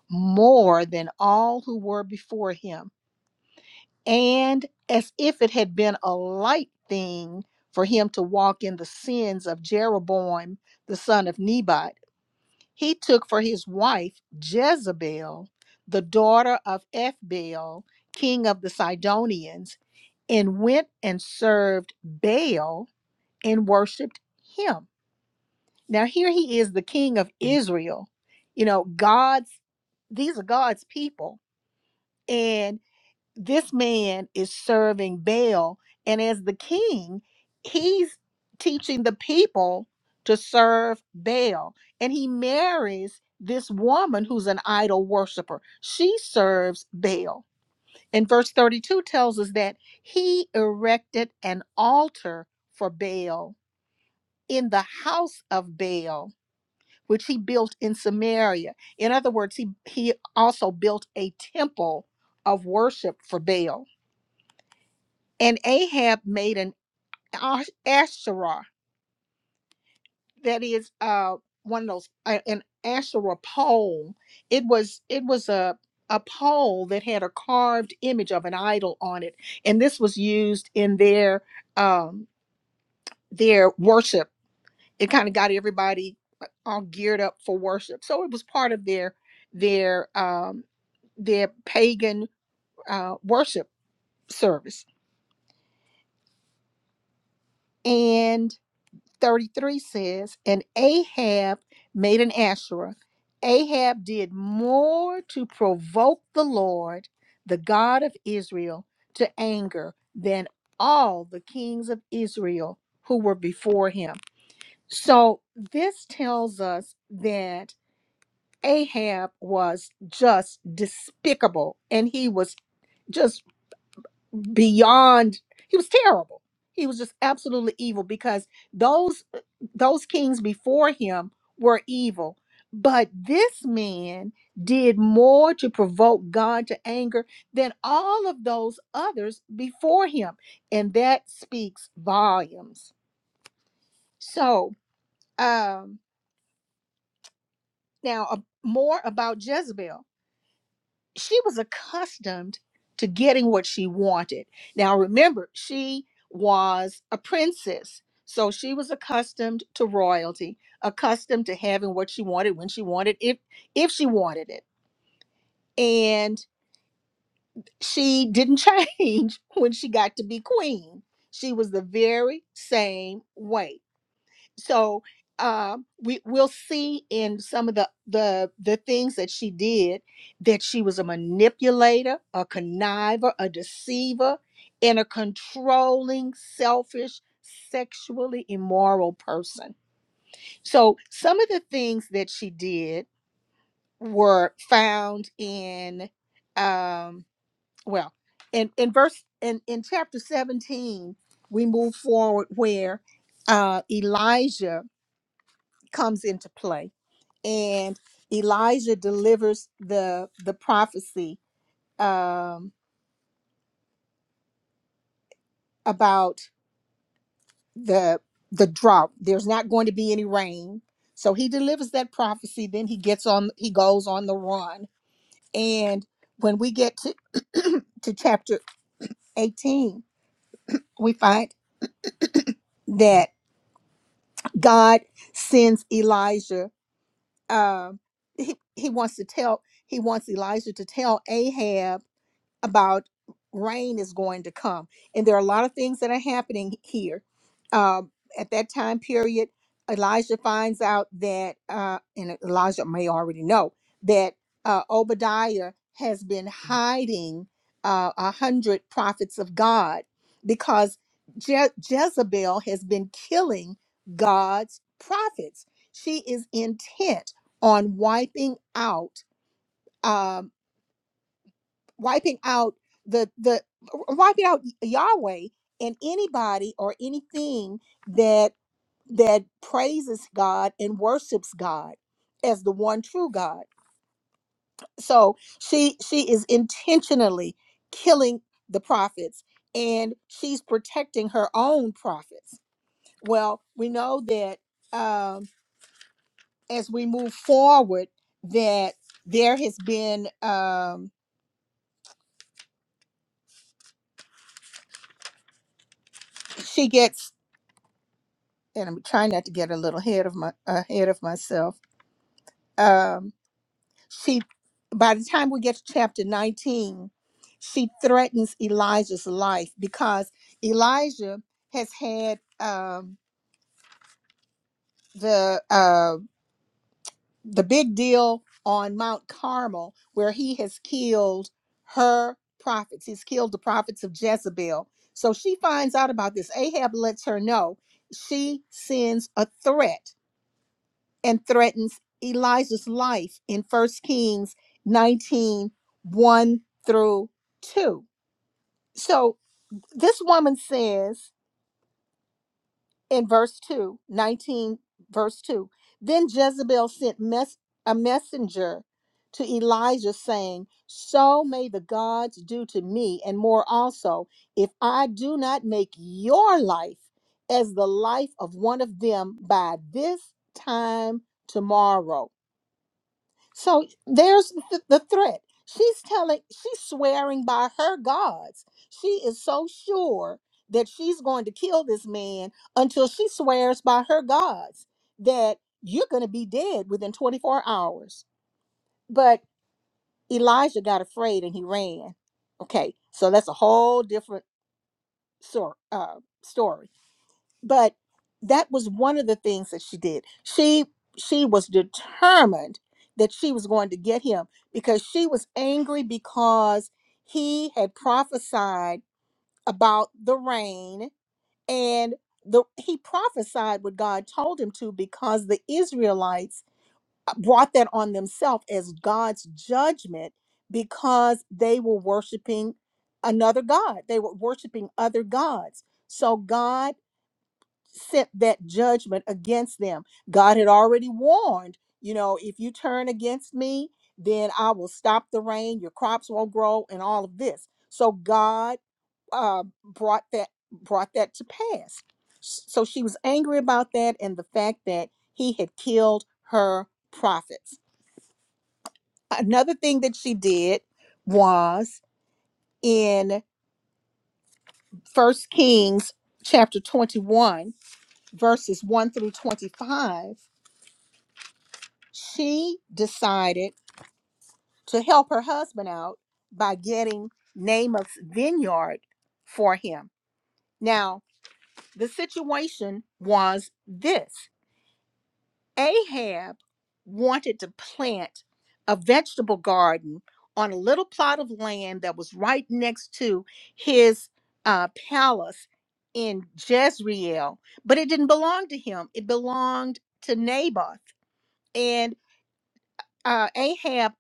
more than all who were before him and as if it had been a light thing for him to walk in the sins of Jeroboam the son of Nebat, he took for his wife Jezebel, the daughter of Ethbaal, king of the Sidonians, and went and served Baal and worshiped him. Now here he is, the king of Israel. You know, God's these are God's people, and this man is serving Baal, and as the king, he's teaching the people to serve Baal. And he marries this woman who's an idol worshiper. She serves Baal. And verse 32 tells us that he erected an altar for Baal in the house of Baal, which he built in Samaria. In other words, he, he also built a temple of worship for Baal. and Ahab made an ash- Asherah, that is uh one of those uh, an Asherah pole. It was it was a a pole that had a carved image of an idol on it, and this was used in their um their worship. It kind of got everybody uh, all geared up for worship, so it was part of their their um their pagan uh, worship service, and 33 says, And Ahab made an Asherah. Ahab did more to provoke the Lord, the God of Israel, to anger than all the kings of Israel who were before him. So this tells us that Ahab was just despicable and he was just beyond he was terrible he was just absolutely evil because those uh, those kings before him were evil but this man did more to provoke god to anger than all of those others before him and that speaks volumes so um now uh, more about jezebel she was accustomed to getting what she wanted. Now, remember, she was a princess. So she was accustomed to royalty, accustomed to having what she wanted when she wanted if if she wanted it. And she didn't change when she got to be queen. She was the very same way so uh, we we'll see in some of the the the things that she did that she was a manipulator, a conniver, a deceiver, and a controlling, selfish, sexually immoral person. So some of the things that she did were found in um well in in verse in in chapter 17 we move forward where uh Elijah comes into play and elijah delivers the the prophecy um about the the drought there's not going to be any rain so he delivers that prophecy then he gets on he goes on the run and when we get to to chapter 18 we find that god sends elijah um he, he wants to tell he wants elijah to tell ahab about rain is going to come. And there are a lot of things that are happening here. Um, at that time period, Elijah finds out that, uh, and Elijah may already know, that uh, Obadiah has been hiding uh, a hundred prophets of God because Je- Jezebel has been killing God's prophets. She is intent on wiping out. um, wiping out the the uh, wiping out Yahweh and anybody or anything that that praises God and worships God as the one true God. So she she is intentionally killing the prophets and she's protecting her own prophets. Well, we know that um, as we move forward that there has been um, she gets and I'm trying not to get a little ahead of my ahead of myself. Um, she, by the time we get to chapter 19, she threatens Elijah's life because Elijah has had um, the uh, the big deal on Mount Carmel where he has killed her prophets. He's killed the prophets of Jezebel. So she finds out about this. Ahab lets her know. She sends a threat and threatens Elijah's life in First Kings nineteen one through 2. So this woman says in verse 2 19 verse 2, then Jezebel sent mes- a messenger to Elijah saying, So may the gods do to me and more also, if I do not make your life as the life of one of them by this time tomorrow. So there's th- the threat. She's telling, she's swearing by her gods. She is so sure that she's going to kill this man until she swears by her gods that you're going to be dead within 24 hours. But Elijah got afraid and he ran. Okay, so that's a whole different sor- uh, story but that was one of the things that she did she she was determined that she was going to get him because she was angry because he had prophesied about the rain and the he prophesied what God told him to because the Israelites brought that on themselves as God's judgment because they were worshiping another god they were worshiping other gods so God sent that judgment against them. God had already warned, you know, if you turn against me, then I will stop the rain, your crops won't grow, and all of this. So God uh, brought that brought that to pass. S- So she was angry about that and the fact that he had killed her prophets. Another thing that she did was in First Kings chapter 21 verses 1 through 25 she decided to help her husband out by getting Namath's vineyard for him. Now, the situation was this Ahab wanted to plant a vegetable garden on a little plot of land that was right next to his uh, palace in Jezreel, but it didn't belong to him, it belonged to Naboth. And uh, Ahab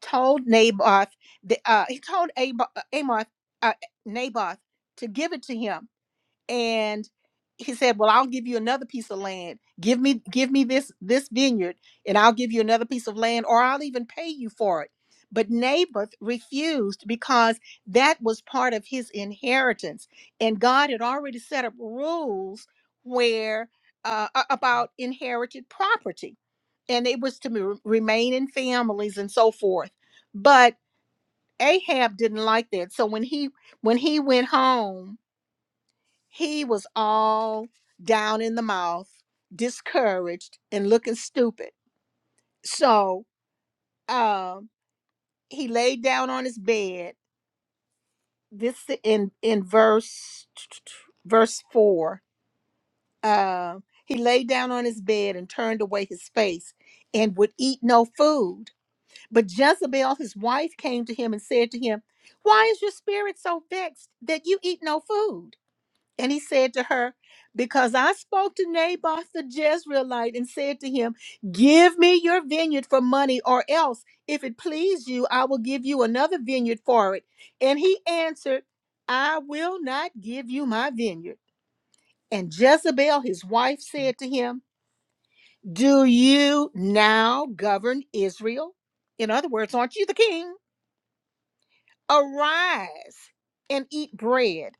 told Naboth, that, uh, he told Abo- uh, Amoth, uh, Naboth to give it to him, and he said, "Well, I'll give you another piece of land. Give me, give me this this vineyard, and I'll give you another piece of land, or I'll even pay you for it." But Naboth refused because that was part of his inheritance, and God had already set up rules where uh, a- about inherited property and it was to me- remain in families and so forth but ahab didn't like that so when he when he went home he was all down in the mouth discouraged and looking stupid so um he laid down on his bed this in in verse verse four uh, he laid down on his bed and turned away his face and would eat no food But Jezebel, his wife, came to him and said to him, Why is your spirit so vexed that you eat no food? And he said to her, Because I spoke to Naboth the Jezreelite and said to him, 'Give me your vineyard for money, or else, if it please you, I will give you another vineyard for it. And he answered, I will not give you my vineyard. And Jezebel, his wife, said to him, Do you now govern Israel? In other words, aren't you the king? Arise and eat bread,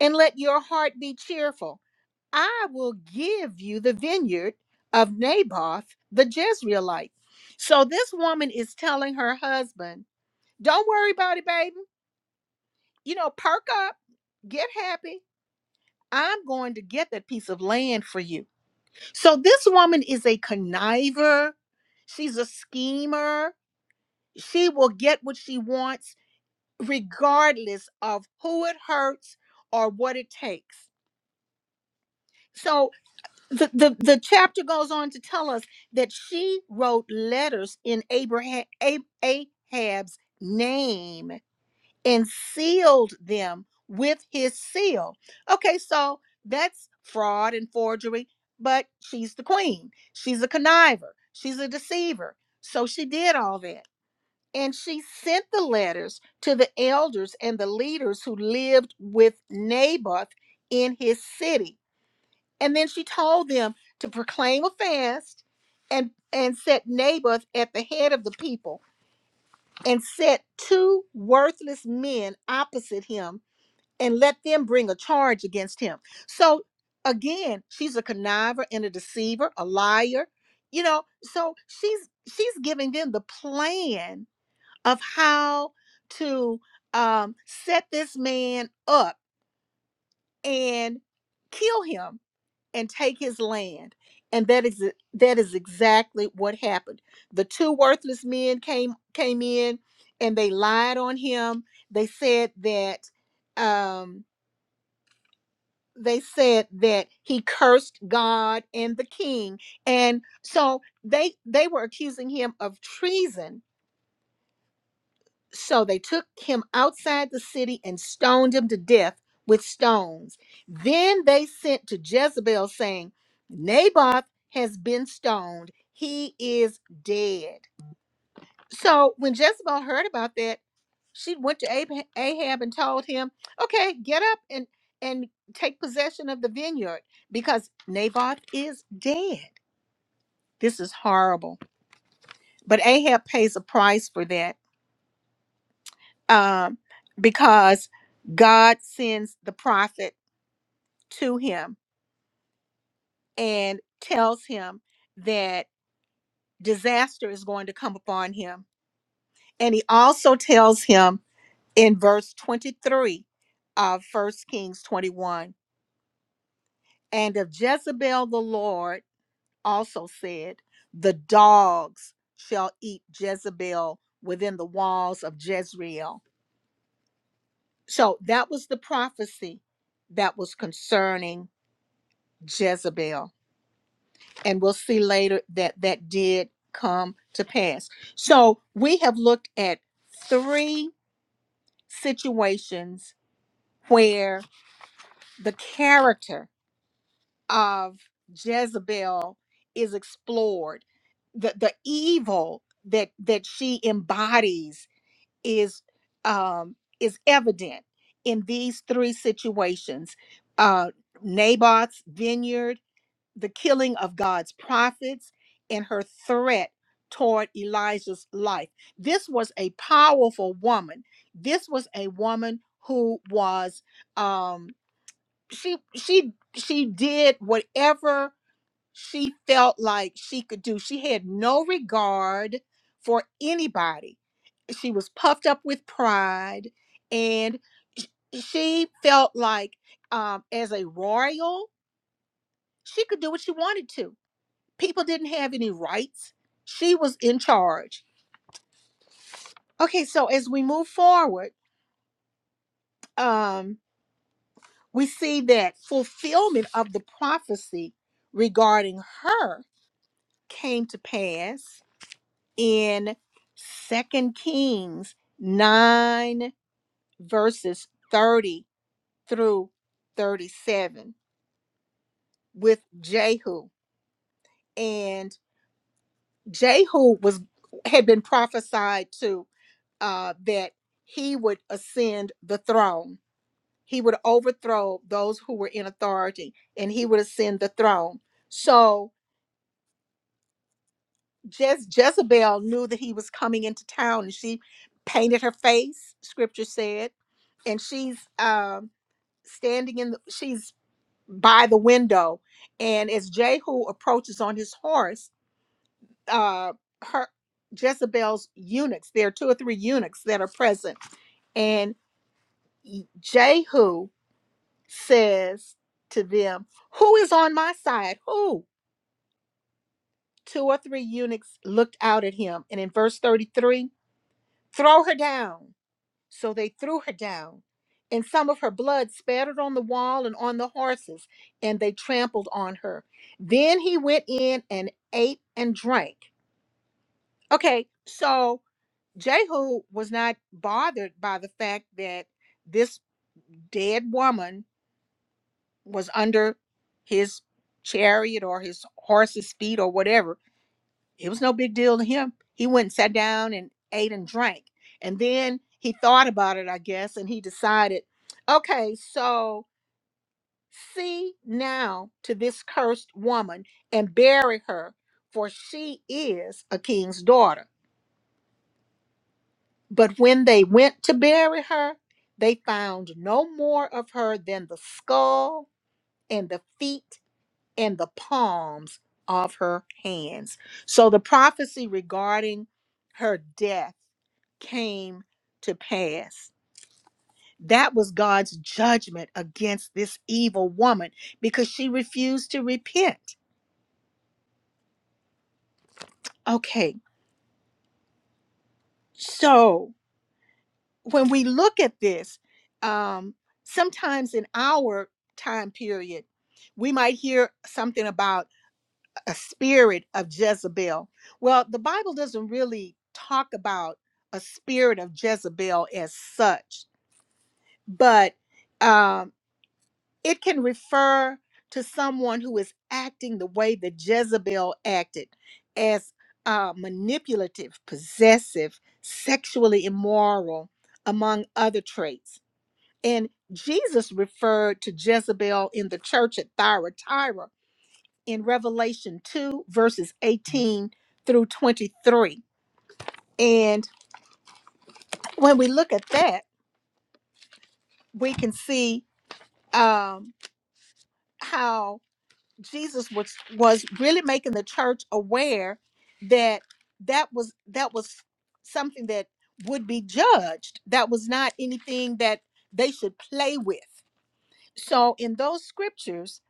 and let your heart be cheerful. I will give you the vineyard of Naboth the Jezreelite. So this woman is telling her husband, Don't worry about it, baby. You know, perk up, get happy. I'm going to get that piece of land for you. So this woman is a conniver, she's a schemer. She will get what she wants regardless of who it hurts or what it takes. So the, the, the chapter goes on to tell us that she wrote letters in Abraham A- Ahab's name and sealed them with his seal. Okay, so that's fraud and forgery, but she's the queen. She's a conniver. She's a deceiver. So she did all that. And she sent the letters to the elders and the leaders who lived with Naboth in his city. And then she told them to proclaim a fast and, and set Naboth at the head of the people and set two worthless men opposite him and let them bring a charge against him. So again, she's a conniver and a deceiver, a liar, you know, so she's she's giving them the plan of how to um, set this man up and kill him and take his land. And that is that is exactly what happened. The two worthless men came came in and they lied on him. They said that um, they said that he cursed God and the king. And so they they were accusing him of treason So they took him outside the city and stoned him to death with stones. Then they sent to Jezebel, saying, Naboth has been stoned. He is dead. So when Jezebel heard about that, she went to Ab- Ahab and told him, Okay, get up and, and take possession of the vineyard because Naboth is dead. This is horrible. But Ahab pays a price for that um, because God sends the prophet to him and tells him that disaster is going to come upon him. And he also tells him in verse 23 of First Kings 21 and of Jezebel the Lord also said, The dogs shall eat Jezebel within the walls of Jezreel. So that was the prophecy that was concerning Jezebel. and we'll see later that that did come to pass. So we have looked at three situations where the character of Jezebel is explored. The the evil that that she embodies is um, is evident in these three situations. Uh, Naboth's vineyard the killing of God's prophets and her threat toward Elijah's life. This was a powerful woman. This was a woman who was um she she she did whatever she felt like she could do. She had no regard for anybody. She was puffed up with pride and sh- she felt like um as a royal, she could do what she wanted to People didn't have any rights. She was in charge. Okay, so as we move forward, um, we see that fulfillment of the prophecy regarding her came to pass in Second Kings 9, verses 30 through 37 with Jehu. And Jehu was had been prophesied to uh, that he would ascend the throne. he would overthrow those who were in authority and he would ascend the throne so just jezebel knew that he was coming into town and she painted her face scripture said and she's um standing in the, she's by the window and as jehu approaches on his horse uh her jezebel's eunuchs there are two or three eunuchs that are present and jehu says to them who is on my side who two or three eunuchs looked out at him. And in verse 33, throw her down. So they threw her down. And some of her blood spattered on the wall and on the horses, and they trampled on her. Then he went in and ate and drank. Okay, so Jehu was not bothered by the fact that this dead woman was under his chariot or his horse's feet or whatever It was no big deal to him. He went and sat down and ate and drank. And then he thought about it, I guess, and he decided, okay, so see now to this cursed woman and bury her, for she is a king's daughter. But when they went to bury her, they found no more of her than the skull and the feet and the palms of her hands. So the prophecy regarding her death came to pass. That was God's judgment against this evil woman because she refused to repent. Okay, so when we look at this, um, sometimes in our time period, we might hear something about a spirit of Jezebel. Well, the Bible doesn't really talk about a spirit of Jezebel as such, but um, it can refer to someone who is acting the way that Jezebel acted as uh, manipulative, possessive, sexually immoral, among other traits. And Jesus referred to Jezebel in the church at Thyatira in Revelation 2, verses 18 through 23. And when we look at that, we can see um, how Jesus was was really making the church aware that that was that was something that would be judged. That was not anything that they should play with. So in those scriptures,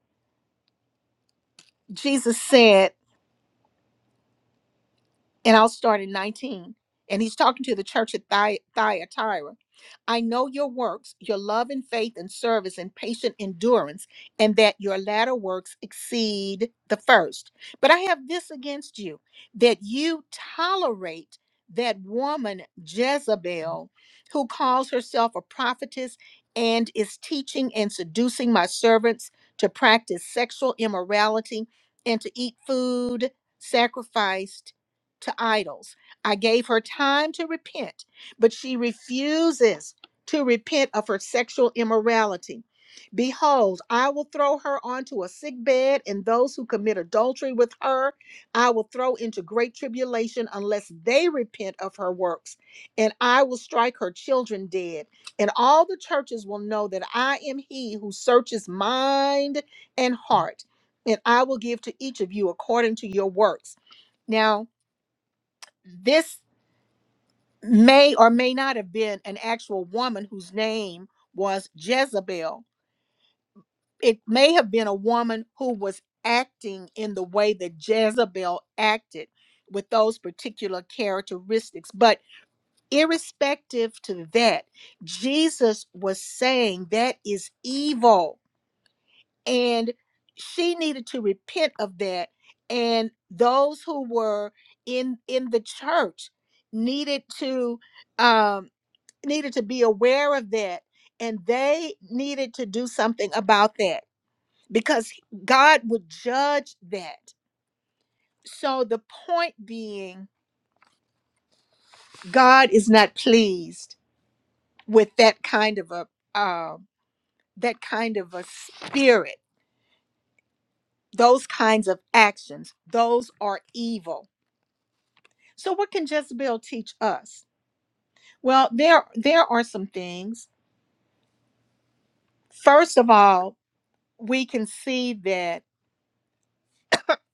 Jesus said. and I'll start in 19. And he's talking to the church at Thy- Thyatira. I know your works, your love and faith and service and patient endurance, and that your latter works exceed the first. But I have this against you that you tolerate that woman Jezebel, who calls herself a prophetess and is teaching and seducing my servants to practice sexual immorality and to eat food sacrificed to idols. I gave her time to repent, but she refuses to repent of her sexual immorality. Behold, I will throw her onto a sick bed, and those who commit adultery with her I will throw into great tribulation unless they repent of her works. And I will strike her children dead. And all the churches will know that I am he who searches mind and heart, and I will give to each of you according to your works. Now, this may or may not have been an actual woman whose name was Jezebel. It may have been a woman who was acting in the way that Jezebel acted with those particular characteristics. But irrespective to that, Jesus was saying that is evil. And she needed to repent of that. And those who were in in the church needed to um needed to be aware of that and they needed to do something about that because God would judge that. So the point being, God is not pleased with that kind of a um, that kind of a spirit. Those kinds of actions, those are evil. So what can Jezebel teach us? Well, there there are some things. First of all, we can see that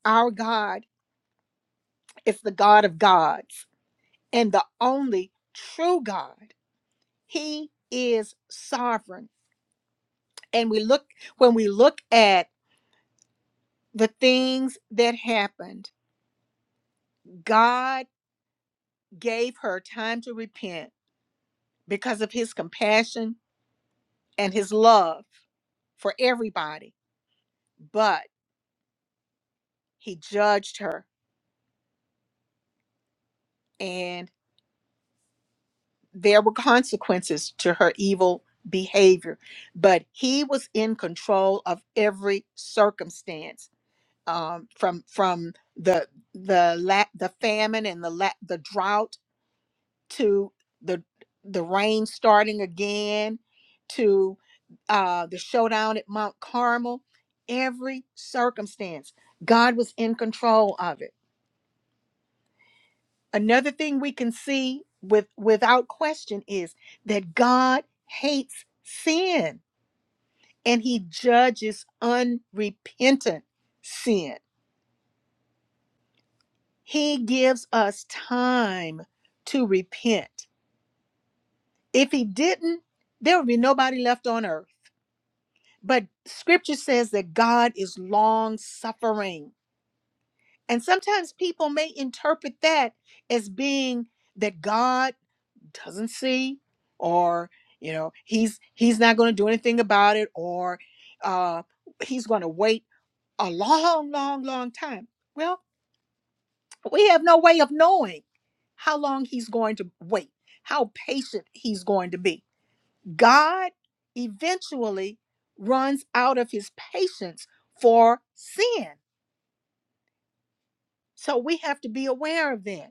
our God is the God of gods and the only true God. He is sovereign. And we look when we look at the things that happened, God gave her time to repent because of his compassion and his love for everybody. But he judged her and there were consequences to her evil behavior. But he was in control of every circumstance um, from from the the la- the famine and the la- the drought to the the rain starting again to uh, the showdown at Mount Carmel. Every circumstance, God was in control of it. Another thing we can see with without question is that God hates sin and He judges unrepentant sin He gives us time to repent. If he didn't, there would be nobody left on earth. But scripture says that God is long suffering. And sometimes people may interpret that as being that God doesn't see or you know he's he's not going to do anything about it or uh he's going to wait a long long long time. Well, We have no way of knowing how long he's going to wait, how patient he's going to be. God eventually runs out of his patience for sin. So we have to be aware of that.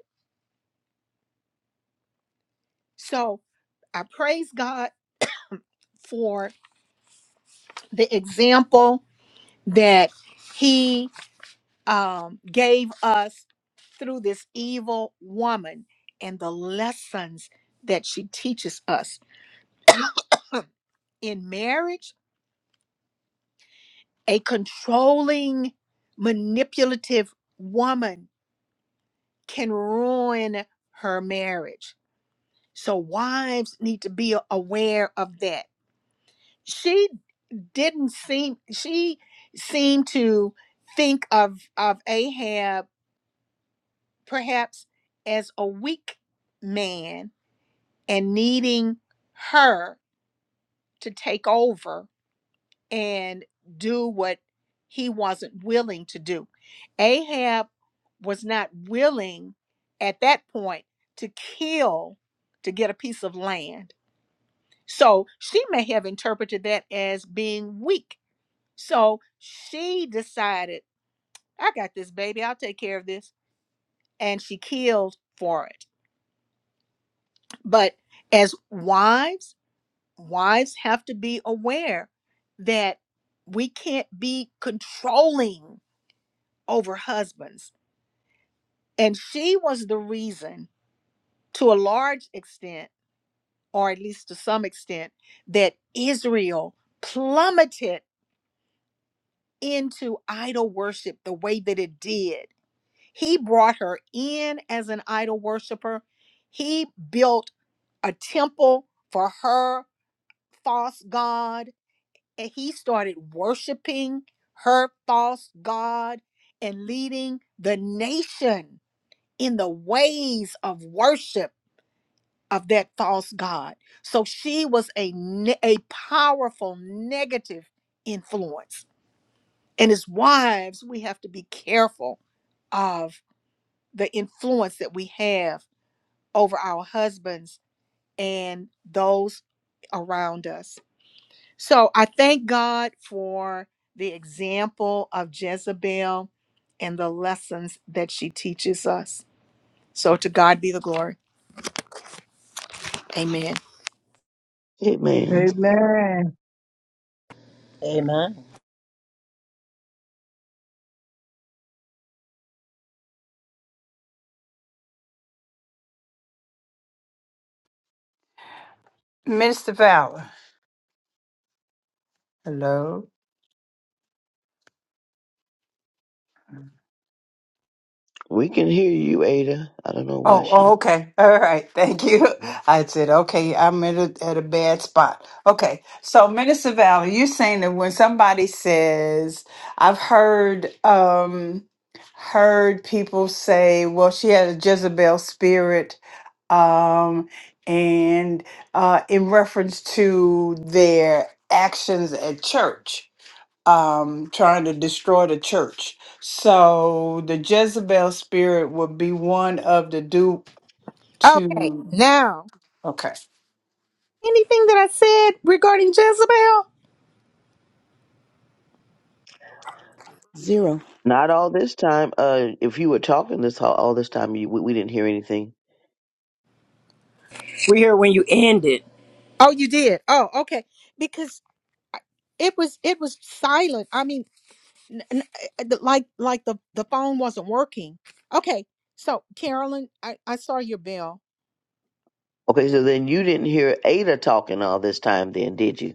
So I praise God for the example that he um, gave us through this evil woman and the lessons that she teaches us in marriage A controlling, manipulative woman can ruin her marriage. So wives need to be aware of that. She didn't seem she seemed to think of of Ahab perhaps as a weak man and needing her to take over and do what he wasn't willing to do. Ahab was not willing at that point to kill to get a piece of land. So she may have interpreted that as being weak. So she decided, I got this baby, I'll take care of this. And she killed for it. But as wives, wives have to be aware that we can't be controlling over husbands. And she was the reason, to a large extent, or at least to some extent, that Israel plummeted into idol worship the way that it did. He brought her in as an idol worshiper, he built a temple for her false god, and he started worshiping her false god and leading the nation in the ways of worship of that false god. So she was a ne- a powerful negative influence. And as wives, we have to be careful of the influence that we have over our husbands and those around us. So I thank God for the example of Jezebel and the lessons that she teaches us. So to God be the glory. Amen. Amen. Amen. Amen. Minister Fowler. Hello. We can hear you, Ada. I don't know why Oh, oh, she. okay. All right. Thank you. I said, okay, I'm in a, at a bad spot. Okay. So, Minister Valley, you're saying that when somebody says, I've heard, um, heard people say, well, she had a Jezebel spirit, um, and uh, in reference to their actions at church, um, trying to destroy the church. So the Jezebel spirit would be one of the do Okay, to now okay anything that I said regarding Jezebel? Zero. not all this time uh, if you were talking this all, all this time you, we, we didn't hear anything We heard when you ended. Oh, you did. Oh, okay. Because it was it was silent. I mean, n- n- uh, the- like like the the phone wasn't working. Okay. So, Carolyn, I I saw your bell. okay so then you didn't hear ada talking all this time then did you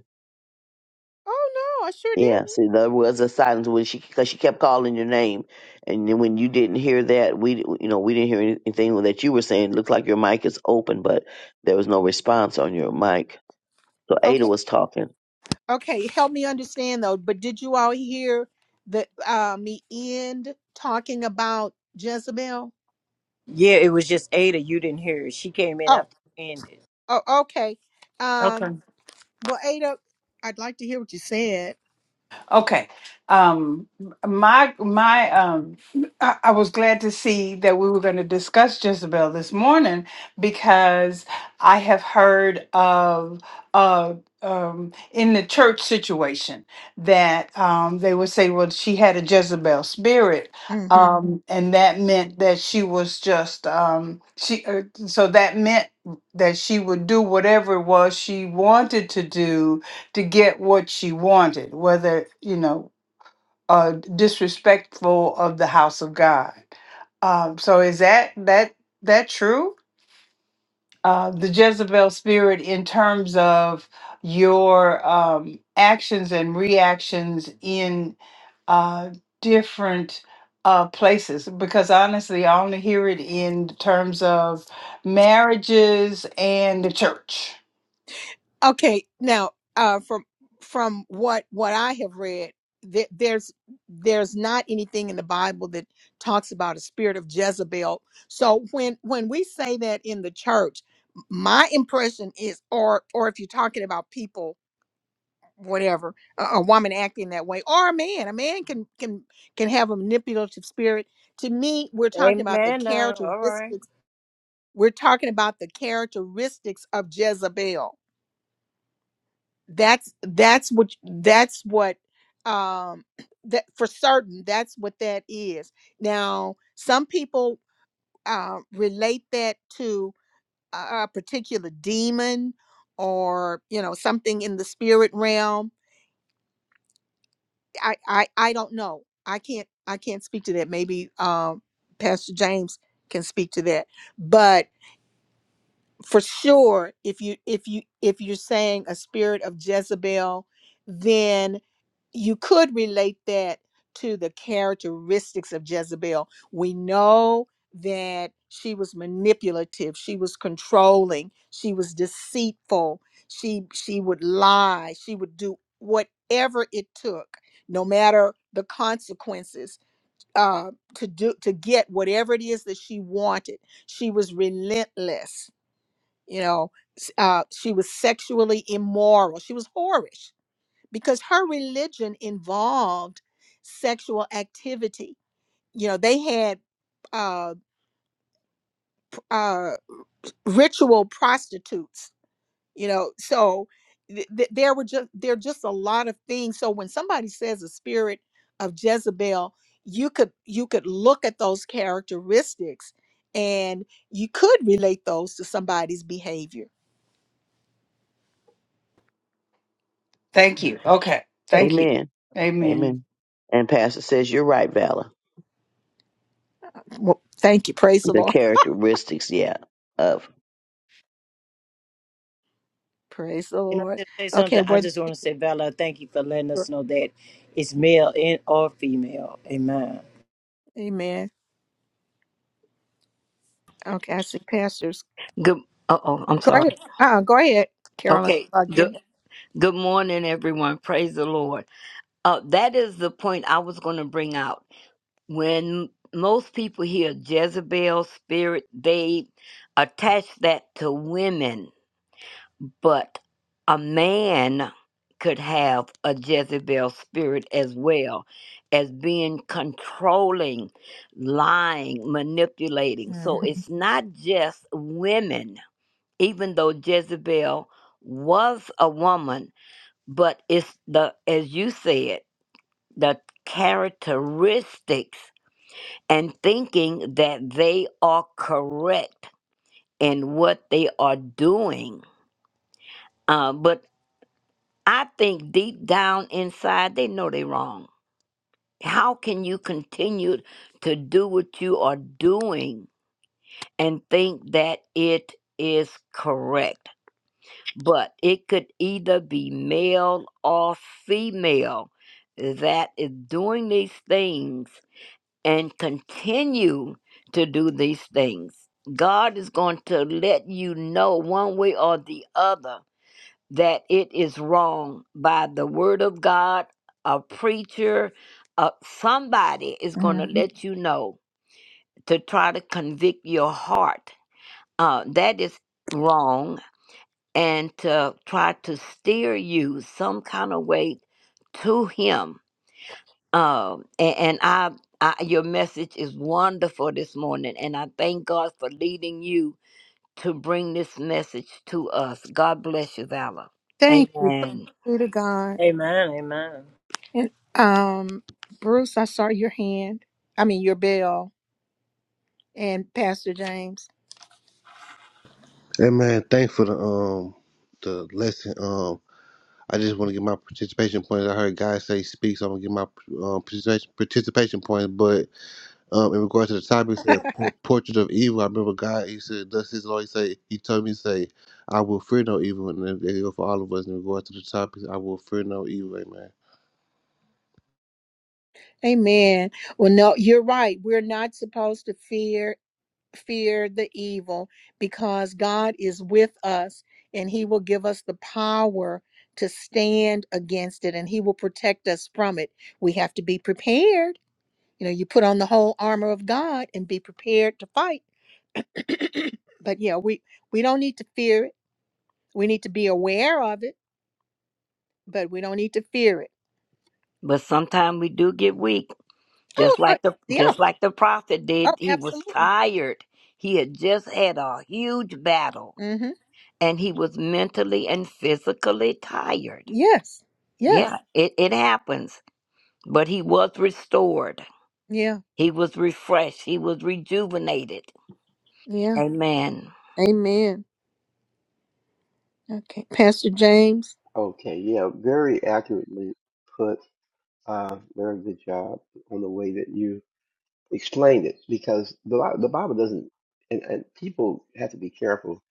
Oh no, I sure didn't. Yeah, see, there was a silence when she because she kept calling your name, and then when you didn't hear that, we di- you know we didn't hear anything that you were saying. It looked like your mic is open, but there was no response on your mic. So Ada Okay. was talking. Okay, help me understand though, but did you all hear the uh me end talking about Jezebel? Yeah, it was just Ada. You didn't hear it. She came in Oh, after you ended. oh okay. Um. okay Well, Ada, I'd like to hear what you said. okay um my my um I, I was glad to see that we were going to discuss jezebel this morning because i have heard of uh um in the church situation that um they would say well she had a jezebel spirit Mm-hmm. um Mhm. and that meant that she was just um she uh, so that meant that she would do whatever it was she wanted to do to get what she wanted, whether, you know, uh, disrespectful of the house of God. Um, so is that that that true? Uh, the Jezebel spirit in terms of your um, actions and reactions in uh, different uh, places because honestly, I only hear it in terms of marriages and the church. Okay, now uh, from from what what I have read, th- there's there's not anything in the Bible that talks about a spirit of Jezebel. So when when we say that in the church, m- my impression is, or or if you're talking about people, whatever, a, a woman acting that way, or a man, a man can can can have a manipulative spirit. To me, we're talking about the Amen. Now, all right. characteristics. We're talking about the characteristics of Jezebel that's that's what that's what um that for certain that's what that is now some people uh relate that to a, a particular demon or you know something in the spirit realm i i i don't know i can't i can't speak to that maybe um pastor james can speak to that but. for sure if you if you if you're saying a spirit of Jezebel then you could relate that to the characteristics of Jezebel we know that she was manipulative she was controlling she was deceitful she she would lie she would do whatever it took no matter the consequences uh to do to get whatever it is that she wanted she was relentless you know s- uh, she was sexually immoral she was whorish because her religion involved sexual activity you know they had uh, p- uh, ritual prostitutes you know so th- th- there were just there are just a lot of things so when somebody says a spirit of jezebel you could you could look at those characteristics and you could relate those to somebody's behavior Thank you. Okay. Thank you. Amen. Amen. Amen. And Pastor says you're right, Valor. well, thank you praise the The lord characteristics, yeah, of Praise the Can I Lord. just say Okay, something? I were just want to say, Vala, thank you for letting there, us know that it's male and or female. Amen. amen. Okay, I see pastors. Good. Uh oh, I'm Go sorry. ahead. Uh, go ahead, Carolyn. Okay. I'll get Good. Good morning, everyone. Praise the Lord. Uh, that is the point I was going to bring out. When most people hear Jezebel spirit, they attach that to women, but a man could have a Jezebel spirit as well as being controlling, lying, manipulating. here. So it's not just women even though Jezebel was a woman, but it's the, as you said, the characteristics and thinking that they are correct in what they are doing. Uh, but I think deep down inside, they know they're wrong. How can you continue to do what you are doing and think that it is correct? but it could either be male or female that is doing these things and continue to do these things. God is going to let you know one way or the other that it is wrong by the word of God, a preacher, uh, somebody is going to Mhm. let you know to try to convict your heart. Uh, that is wrong and to try to steer you some kind of way to him um and, and I, I your message is wonderful this morning and i thank god for leading you to bring this message to us god bless you valor Thank you. Praise amen be to God. Amen. Amen. And um, Bruce, I saw your hand. I mean, your bell and Pastor James. Hey man, thanks for the um the lesson. Um, I just want to get my participation points. I heard guys say speak, so I'm gonna get my um, participation participation points. But um, in regards to the topic, it said por- portrait of evil. I remember God. He said, "Thus His Lord." He say, He told me, "Say, I will fear no evil." And that that go for all of us in regards to the topic. I will fear no evil. Amen. Amen. Well, no, you're right. We're not supposed to fear fear the evil because God is with us and He will give us the power to stand against it and He will protect us from it. We have to be prepared. You know, you put on the whole armor of God and be prepared to fight. but yeah, we we don't need to fear it. We need to be aware of it, but we don't need to fear it. but sometimes we do get weak Oh, just uh, like the yeah. just like the prophet did Oh, he was absolutely. tired he had just had a huge battle Mm-hmm. and he was mentally and physically tired Yes. Yes. Yeah, it, it happens. But he was restored. Yeah. He was refreshed. He was rejuvenated. Yeah. Amen. Amen. Okay, Pastor James. Okay, yeah, very accurately put. Uh, very good job on the way that you explained it, because the Bi- the Bible doesn't, and, and people have to be careful.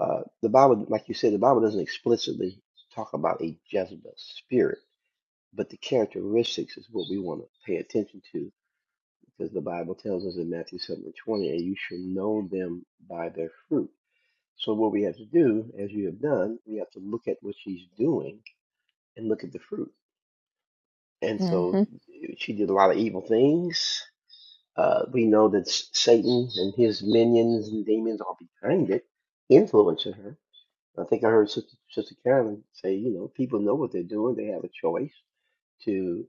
Uh, the Bible, like you said, the Bible doesn't explicitly talk about a Jezebel spirit, but the characteristics is what we want to pay attention to, because the Bible tells us in Matthew seven and twenty, and you shall know them by their fruit. So what we have to do, as you have done, we have to look at what she's doing and look at the fruit and Mm-hmm. so she did a lot of evil things. Uh, we know that S- Satan and his minions and demons are behind it, influencing her. I think I heard Sister, Sister Carolyn say, you know, people know what they're doing; they have a choice to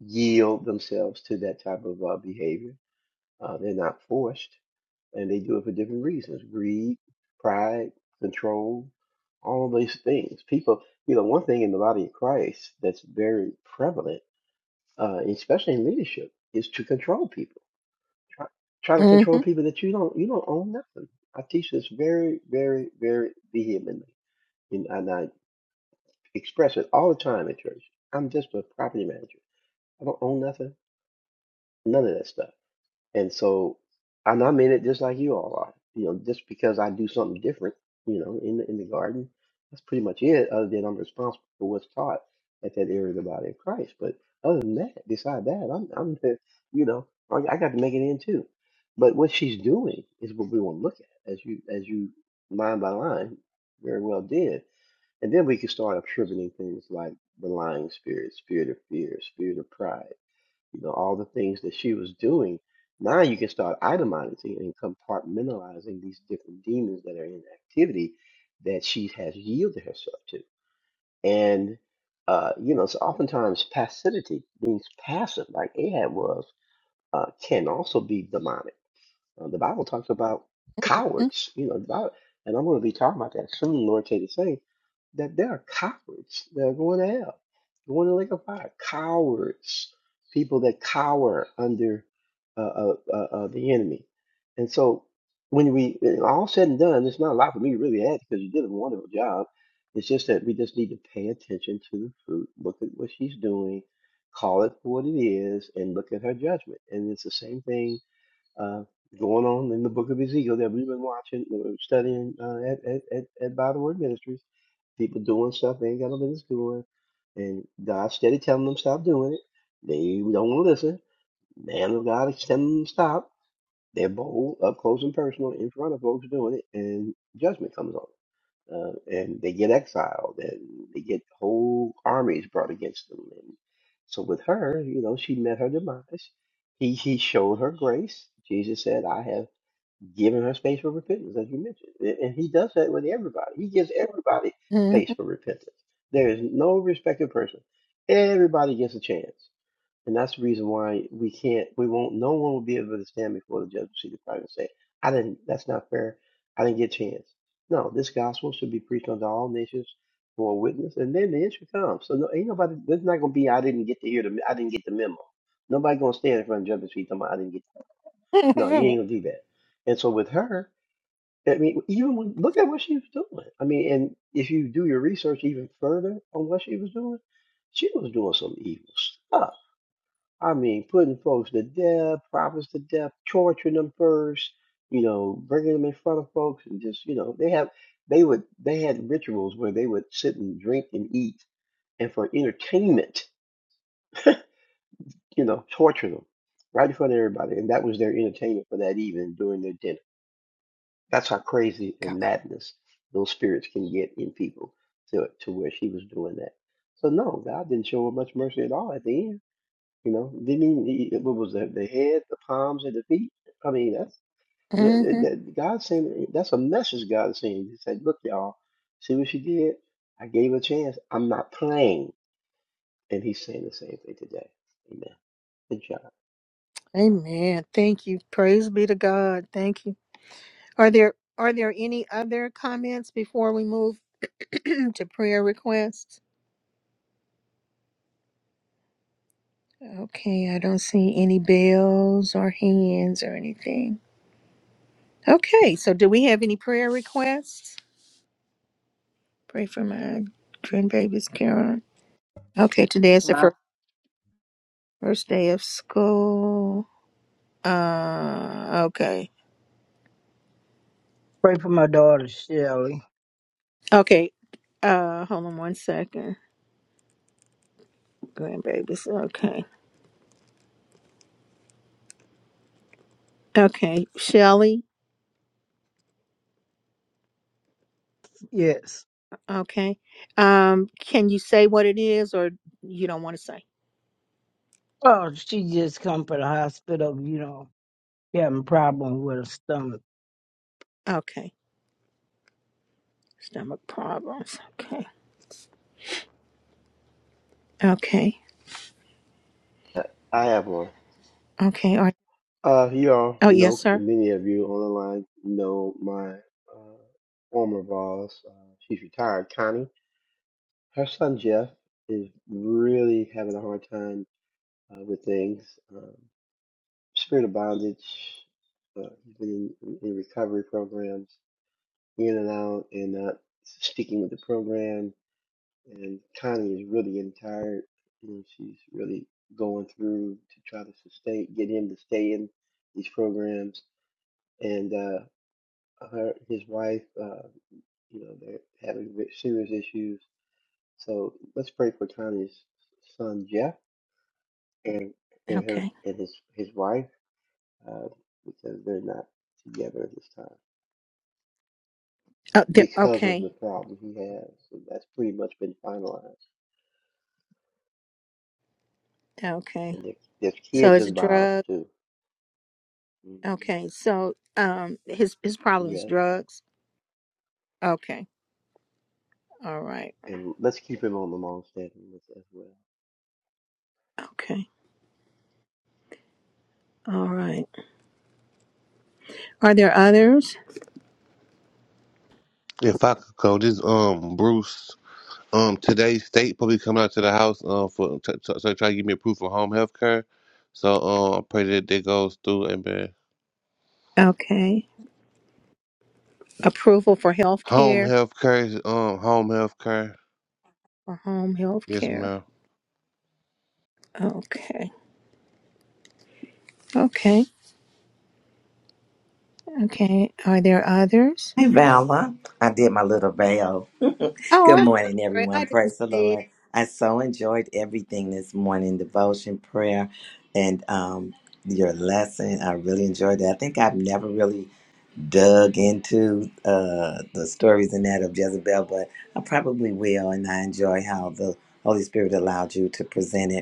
yield themselves to that type of uh, behavior. Uh, they're not forced, and they do it for different reasons: greed, pride, control, all these things. People, you know, one thing in the body of Christ that's very prevalent uh, especially in leadership, is to control people. Try, try to control Mm-hmm. people that you don't you don't own nothing. I teach this very, very, very vehemently, and, and I express it all the time at church. I'm just a property manager. I don't own nothing, none of that stuff. And so, and I'm in it just like you all are. You know, just because I do something different, you know, in the, in the garden, that's pretty much it. Other than I'm responsible for what's taught at that area of the body of Christ. But other than that, beside that, I'm, I'm, the- you know, I, I got to make it in too. But what she's doing is what we want to look at, as you, as you line by line, very well did. And then we can start attributing things like the lying spirit, spirit of fear, spirit of pride you know, all the things that she was doing. Now you can start itemizing and compartmentalizing these different demons that are in activity that she has yielded herself to. And, uh, you know, so oftentimes passivity means passive, like Ahab was, uh, can also be demonic uh, the Bible talks about cowards, you know, the Bible, and I'm going to be talking about that soon. The Lord, take the same that there are cowards that are going to hell, going to the lake of fire. Cowards, people that cower under uh, uh, uh, uh, the enemy, and so when we and all said and done, it's not a lot for me to really add because you did a wonderful job. It's just that we just need to pay attention to the fruit, look at what she's doing, call it for what it is, and look at her judgment. And it's the same thing uh, going on in the book of Ezekiel that we've been watching, that we're studying uh, at, at, at, at By the Word Ministries. People doing stuff they ain't got no business doing. And God steady telling them stop doing it. They don't want to listen. Man of God is telling them stop they're bold, up close and personal, in front of folks doing it, and judgment comes on them. Uh, and they get exiled, and they get whole armies brought against them. And so with her, you know, she met her demise. He he showed her grace. Jesus said, "I have given her space for repentance," as you mentioned, and and he does that with everybody. He gives everybody Mm-hmm. space for repentance. There is no respected person. Everybody gets a chance. And that's the reason why we can't, we won't, no one will be able to stand before the judge of seat of Christ and say, I didn't, that's not fair. I didn't get a chance. No, this gospel should be preached unto all nations for a witness, and then the issue comes. So no, ain't nobody, there's not going to be, I didn't get to hear the, I didn't get the memo. Nobody going to stand in front of the judge of seat talking about, I didn't get, no, you ain't going to do that. And so with her, I mean, even when, look at what she was doing. I mean, and if you do your research even further on what she was doing, she was doing some evil stuff I mean, putting folks to death, prophets to death, torturing them first, you know, bringing them in front of folks, and just you know, they have they would they had rituals where they would sit and drink and eat, and for entertainment, you know, torture them right in front of everybody, and that was their entertainment for that evening during their dinner. That's how crazy God. and madness those spirits can get in people to to where she was doing that. So no, God didn't show her much mercy at all at the end You know, didn't he, he- what was that? The head, the palms, and the feet. I mean, that's yeah, it- hmm that God saying that's a message God is saying. He said, "Look, y'all, see what she did? I gave her a chance. I'm not playing." And He's saying the same thing today. Amen. Good job. Amen. Thank you. Praise be to God. Thank you. Are there are there any other comments before we move to prayer requests? Okay, I don't see any bells or hands or anything. Okay, so do we have any prayer requests? Pray for my grandbabies, Karen. Okay, today is the ma'am. first first day of school. Uh, okay. Pray for my daughter, Shelley. Okay. Uh, hold on one second. Grandbabies. Okay. Okay. Shelly. Yes. Okay. Um, can you say what it is or you don't want to say? Oh, she just come from the hospital, you know, having a problem with her stomach. Okay. Stomach problems. Okay. Okay. I I have one. Okay. All right. Uh, you all Oh, yes, know sir. many of you on the line know my uh, former boss. Uh, she's retired, Connie. Her son Jeff is really having a hard time uh, with things. Um, spirit of bondage, uh, he's been in, in recovery programs, in and out, and not sticking with the program. And Connie is really getting tired. You know, she's really going through to try to sustain, get him to stay in these programs. And uh, her, his wife, uh, you know, they're having ve- serious issues. So let's pray for Connie's son Jeff and and her Okay. and his his wife uh, because they're not together at this time. Oh, there, because of okay. the problem he has. So that's pretty much been finalized. Okay. And there, there's So kids it's a involved drug. too. hmm Okay. So, um, his, his problem is Yes. drugs. Okay. All right. And let's keep him on the long standing list as well. Okay. All right. Are there others? If I could go, this um Bruce. Um, today state probably coming out to the house. Um, for to t- so try to give me proof of home health care. So um, I pray that that goes through. Amen. Okay. Approval for health Home care. health care. is, Um, home health care. for home health Yes, ma'am. care. Okay. Okay. Okay. Are there others? Hey, Vala. I did my little veil. Good Oh, I'm morning, sorry. I everyone. didn't Praise the see it. Lord. I so enjoyed everything this morning devotion, prayer, and um, your lesson. I really enjoyed it. I think I've never really dug into uh, the stories and that of Jezebel, but I probably will. And I enjoy how the Holy Spirit allowed you to present it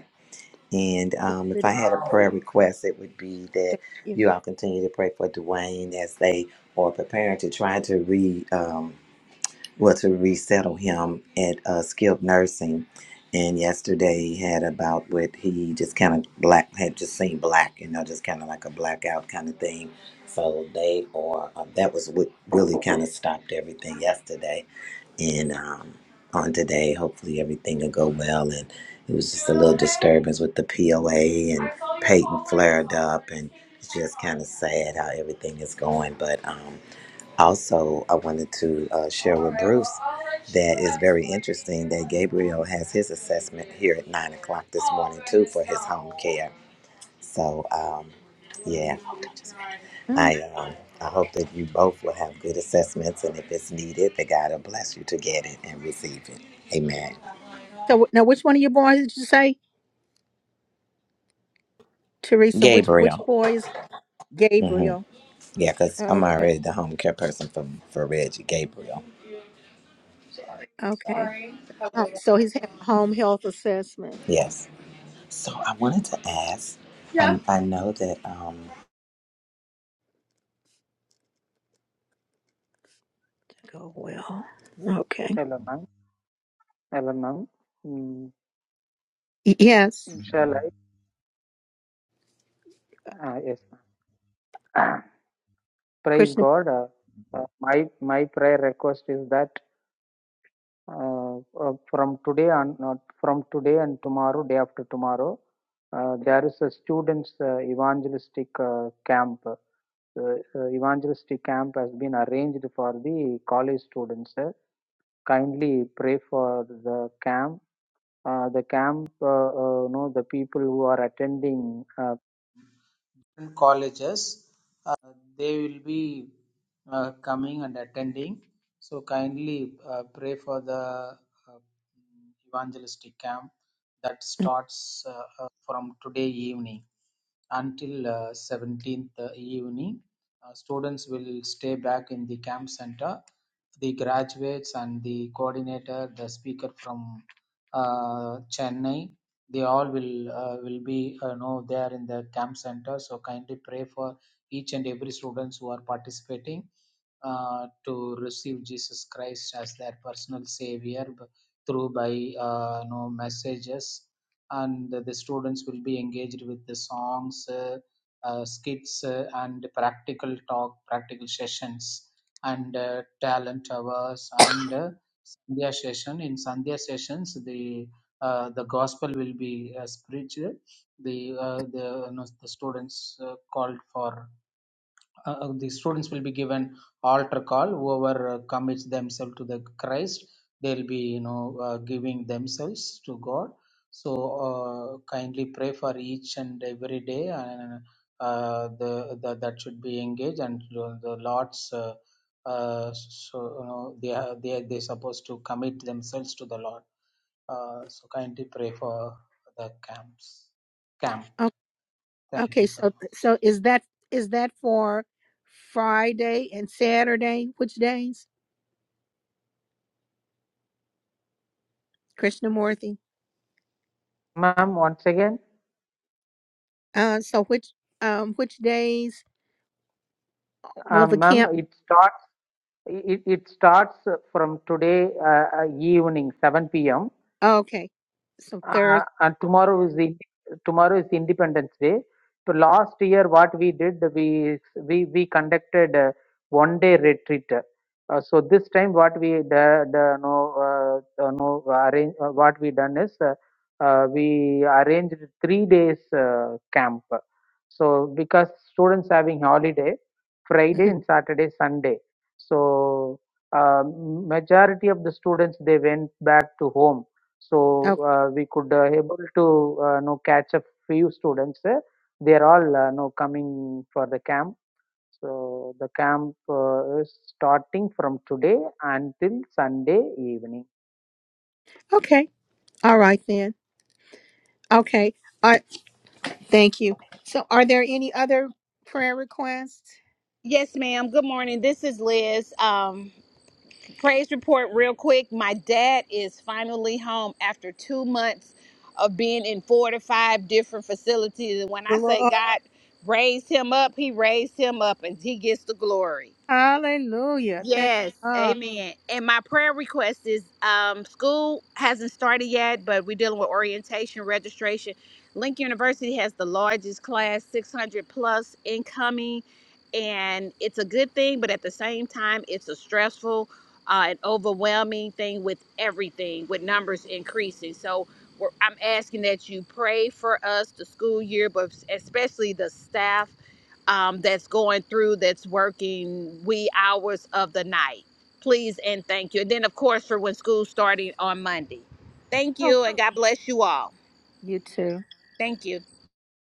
And um, if I really- had a prayer request, it would be that Thank you. you all continue to pray for Dwayne as they are preparing to try to re um, well to resettle him at uh, skilled nursing. And yesterday he had about what he just kind of black had just seen black, you know, just kind of like a blackout kind of thing. So they are uh, that was what really kind of stopped everything yesterday and um, on today. Hopefully, everything will go well. And it was just a little disturbance with the POA and Peyton flared up, and it's just kind of sad how everything is going. But um, also, I wanted to uh, share with Bruce that it's very interesting that Gabriel has his assessment here at nine o'clock this morning too for his home care. So. Um, yeah. Oh, I um, I hope that you both will have good assessments, and if it's needed, that God will bless you to get it and receive it. Amen. So now, which one of your boys did you say, Teresa? Which which Gabriel. boy is hmm Gabriel? Yeah, because I'm Okay. already the home care person for for Reggie. Gabriel. Okay. Sorry. Oh, so he's having a home health assessment. Yes. So I wanted to ask. Yeah. I, I know that. Um, Go well. Okay. Hello, ma'am. Hello, ma'am. Mm, Y- Yes, Shall I? Mm. Ah, yes, ma'am. Praise Krishna. God. Uh, uh, my my prayer request is that uh, uh, from today on, not from today and tomorrow, day after tomorrow, uh, there is a students' uh, evangelistic uh, camp. Uh, uh, evangelistic camp has been arranged for the college students. Uh, kindly pray for the camp uh, the camp, uh, uh, you know, the people who are attending uh, And cause be uh, coming and attending. So kindly uh, pray for the uh, evangelistic camp that starts uh, uh, from today evening until uh, 17th evening. Uh, students will stay back in the camp center. The graduates and the coordinator, the speaker from uh, Chennai, they all will uh, will be uh, know there in the camp center. So kindly pray for each and every students who are participating uh, to receive Jesus Christ as their personal savior b- through by uh, you know, messages, and the students will be engaged with the songs, uh, uh, skits, uh, and practical talk, practical sessions, and uh, talent hours, and uh, Sandhya session. In Sandhya sessions, the uh, the gospel will be uh, preached. The uh, the, you know, the students uh, called for uh, uh, the students will be given altar call whoever uh, commits themselves to the christ they'll be you know uh, giving themselves to god so uh, kindly pray for each and every day and uh, the, the that should be engaged and the, the lord's uh, uh, so you know they are they are- they're supposed to commit themselves to the lord uh, so kindly pray for the camps camp o- thank Okay. you so So much so is that is that for Friday and Saturday? Which days, Krishnamurti? Ma'am, once again. Uh, so which um which days will Um, the ma'am, camp? it starts it, it starts uh, from today uh, uh, evening 7 p.m. okay, so Uh, Thursday. and tomorrow is the tomorrow is the Independence Day. So last year, what we did, we we we conducted a one day retreat. Uh, so this time, what we the, the no uh, uh, no arrange uh, what we done is uh, uh, we arranged three days uh, camp. So because students having holiday, Friday and Saturday, Sunday. So uh, majority of the students they went back to home so Okay, uh, we could uh, able to uh, know catch a few students. Uh, they are all uh, know coming for the camp. So the camp uh, is starting from today until Sunday evening. okay, all right then. Okay, all right. Thank you. So, are there any other prayer requests? Yes, ma'am. Good morning. This is Liz. Um, praise report, real quick. My dad is finally home after two months of being in four to five different facilities. And when I say Glory. God raised him up, He raised him up, and He gets the glory. Hallelujah. Thank Yes, God. amen. And my prayer request is um, school hasn't started yet, but we're dealing with orientation, registration. Lincoln University has the largest class, 600 plus incoming, and it's a good thing, but at the same time, it's a stressful uh, and overwhelming thing with everything, with numbers increasing. So we're, I'm asking that you pray for us, the school year, but especially the staff um, that's going through that's working wee hours of the night. Please and thank you. And then, of course, for when school's starting on Monday. Thank Oh, you, and God bless you all. you too. Thank you.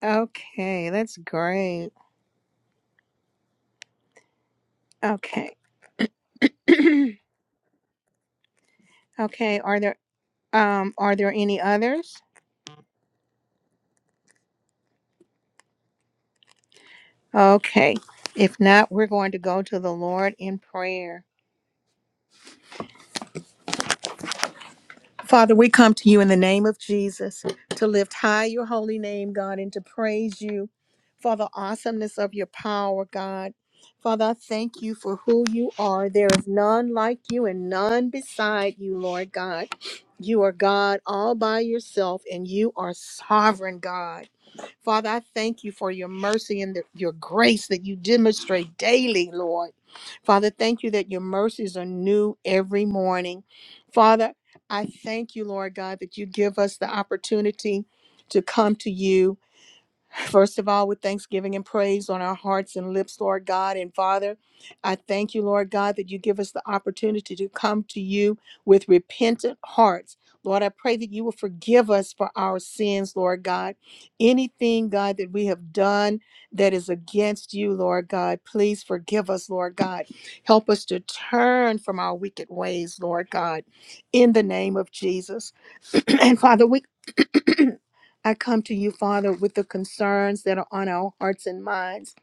Okay, that's great. Okay. okay, are there Um, are there any others? Okay. If not, we're going to go to the Lord in prayer. Father, we come to you in the name of Jesus to lift high your holy name, God, and to praise you for the awesomeness of your power, God. Father, I thank you for who you are. There is none like you and none beside you, Lord God. You are God all by yourself, and you are sovereign, God. Father, I thank you for your mercy and the, your grace that you demonstrate daily, Lord. Father, thank you that your mercies are new every morning. Father, I thank you, Lord God, that you give us the opportunity to come to you First of all, with thanksgiving and praise on our hearts and lips, Lord God and Father, I thank you, Lord God, that you give us the opportunity to come to you with repentant hearts. Lord, I pray that you will forgive us for our sins, Lord God. Anything, God, that we have done that is against you, Lord God, please forgive us, Lord God. Help us to turn from our wicked ways, Lord God, in the name of Jesus. and Father, we I come to you, Father, with the concerns that are on our hearts and minds.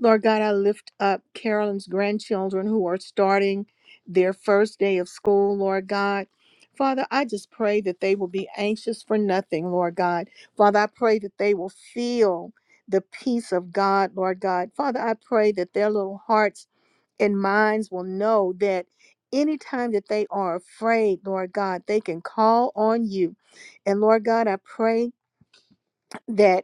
Lord God, I lift up Carolyn's grandchildren who are starting their first day of school, Lord God. Father, I just pray that they will be anxious for nothing, Lord God. Father, I pray that they will feel the peace of God, Lord God. Father, I pray that their little hearts and minds will know that anytime that they are afraid, Lord God, they can call on you. And Lord God, I pray that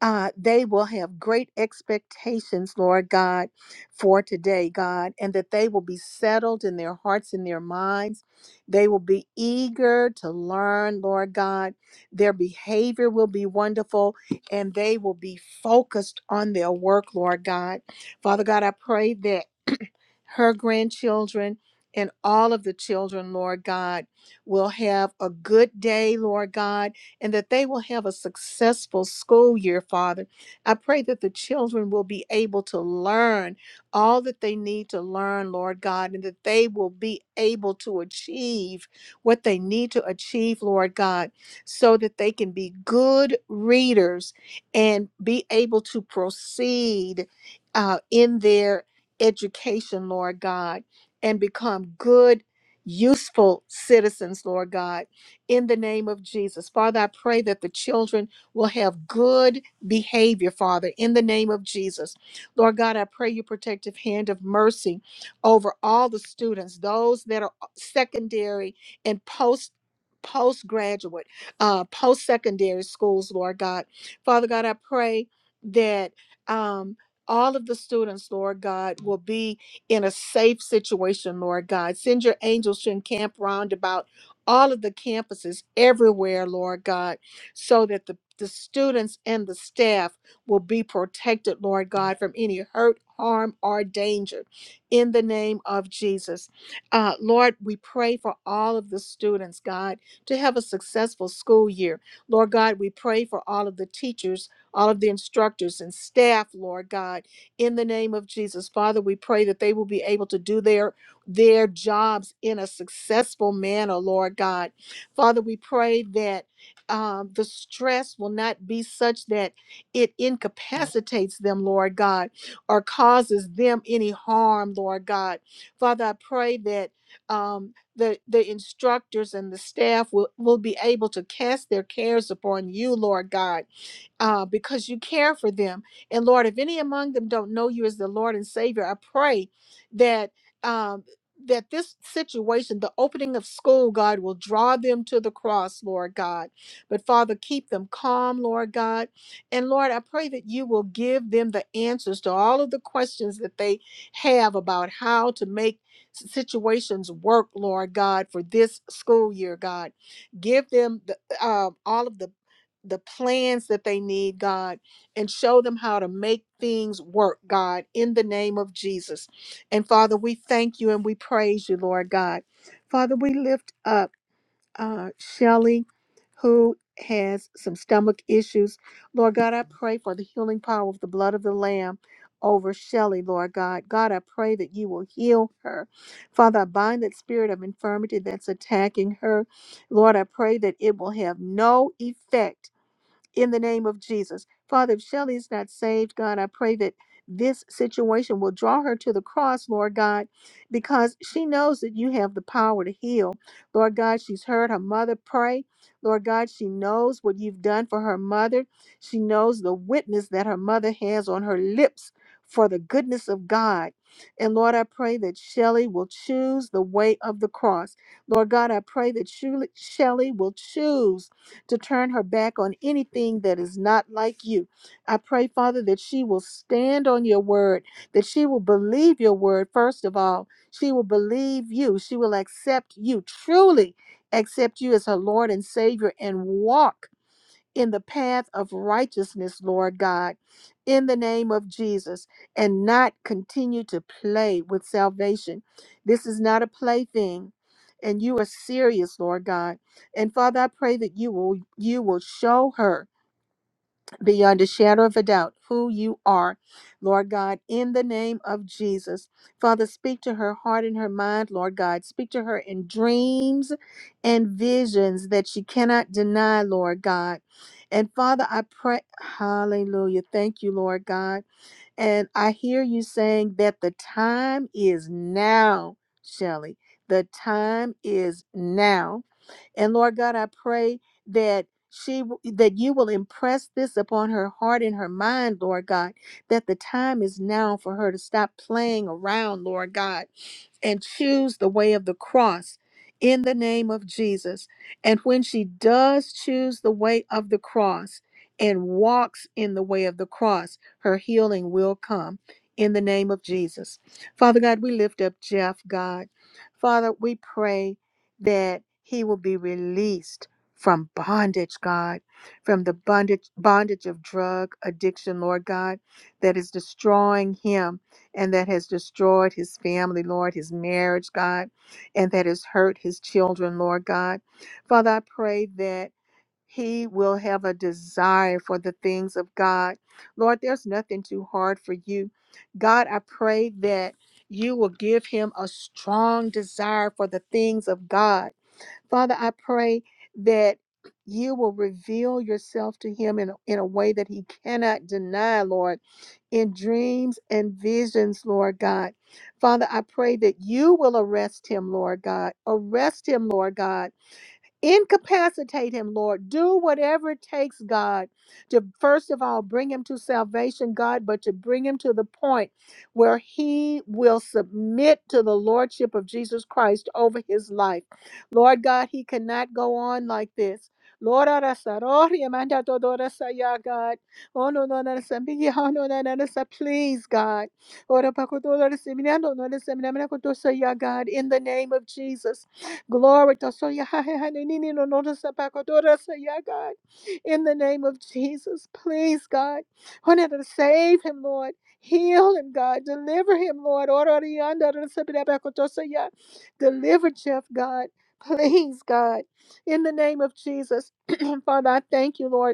uh, they will have great expectations, Lord God, for today, God, and that they will be settled in their hearts and their minds. They will be eager to learn, Lord God. Their behavior will be wonderful, and they will be focused on their work, Lord God. Father God, I pray that her grandchildren and all of the children, Lord God, will have a good day, Lord God and that they will have a successful school year, Father. I pray that the children will be able to learn all that they need to learn, Lord God, and that they will be able to achieve what they need to achieve, Lord God, so that they can be good readers and be able to proceed uh, in their education, Lord God, and become good, useful citizens, Lord God in the name of Jesus. Father, I pray that the children will have good behavior, Father, in the name of Jesus. Lord God, I pray your protective hand of mercy over all the students, those that are secondary and post postgraduate, uh, post-secondary schools, Lord God. Father God, I pray that um all of the students, Lord God, will be in a safe situation, Lord God. Send your angels to encamp round about all of the campuses everywhere, Lord God, so that the, the students and the staff will be protected, Lord God, from any hurt, harm, or danger in the name of Jesus. Uh, Lord, we pray for all of the students, God, to have a successful school year. Lord God, we pray for all of the teachers, all of the instructors and staff, Lord God, in the name of Jesus. Father, we pray that they will be able to do their their jobs in a successful manner, Lord God. Father, we pray that um, the stress will not be such that it incapacitates them, Lord God, or causes them any harm, Lord God. Father, I pray that um, the, the instructors and the staff will, will be able to cast their cares upon you, Lord God uh, because you care for them. And Lord, if any among them don't know you as the Lord and Savior, I pray that um, that this situation, the opening of school, God will draw them to the cross, Lord God. But Father, keep them calm, Lord God. And Lord, I pray that you will give them the answers to all of the questions that they have about how to make s- situations work, Lord God, for this school year, God. Give them the, uh, all of the the plans that they need, God, and show them how to make things work, God, in the name of Jesus. And Father, we thank you and we praise you, Lord God. Father, we lift up uh, Shelly, who has some stomach issues. Lord God, I pray for the healing power of the blood of the Lamb over Shelly, Lord God. God, I pray that you will heal her. Father, I bind that spirit of infirmity that's attacking her. Lord, I pray that it will have no effect in the name of Jesus. Father, if Shelley is not saved, God, I pray that this situation will draw her to the cross, Lord God, because she knows that you have the power to heal. Lord God, she's heard her mother pray. Lord God, she knows what you've done for her mother. She knows the witness that her mother has on her lips for the goodness of God. And Lord, I pray that Shelley will choose the way of the cross. Lord God, I pray that Shul- Shelley will choose to turn her back on anything that is not like you. I pray, Father, that she will stand on your word, that she will believe your word, first of all. She will believe you. She will accept you, truly accept you as her Lord and Savior, and walk in the path of righteousness, Lord God, in the name of Jesus, and not continue to play with salvation. This is not a plaything. And you are serious, Lord God. And Father, I pray that you will you will show her beyond a shadow of a doubt who you are, Lord God, in the name of Jesus. Father, speak to her heart and her mind, Lord God. Speak to her in dreams and visions that she cannot deny, Lord God. And Father, I pray, hallelujah. Thank you, Lord God. And I hear you saying that the time is now, Shelley. The time is now and Lord God, I pray that she that you will impress this upon her heart and her mind, Lord God, that the time is now for her to stop playing around, Lord God, and choose the way of the cross in the name of Jesus. And when she does choose the way of the cross and walks in the way of the cross, her healing will come in the name of Jesus. Father God, we lift up Jeff, God. Father, we pray that he will be released from bondage, God, from the bondage bondage of drug addiction, Lord God, that is destroying him and that has destroyed his family, Lord, his marriage, God, and that has hurt his children, Lord God. Father, I pray that he will have a desire for the things of God. Lord, there's nothing too hard for you. God, I pray that you will give him a strong desire for the things of God Father, I pray that you will reveal yourself to him in, in a way that he cannot deny, Lord, in dreams and visions, Lord God. Father, I pray that you will arrest him, Lord God. Arrest him, Lord God Incapacitate him, Lord. Do whatever it takes, God, to first of all bring him to salvation, God, but to bring him to the point where he will submit to the lordship of Jesus Christ over his life. Lord God, he cannot go on like this. Lord, ara sarori amanda todora saya, God. Oh, no, no, no, no, sambi- oh, no, no, no, no, sa- Please, God. Ora pakoto, ora semina, no, no, no, koto saya, God, in the name of Jesus. Glory to so ya- ha- ha- ha- ni- ni- ni- no- no- no- sa- pa- ko- do- da- sa- ya, God. In the name of Jesus, please, God. Honor Save him, Lord. Heal him, God. Deliver him, Lord. Ora- ri- anda- da- sa- pa- da- pa- ko- do- sa- ya. Deliver Jeff, God. Please, God. In the name of Jesus, Father, I thank you, Lord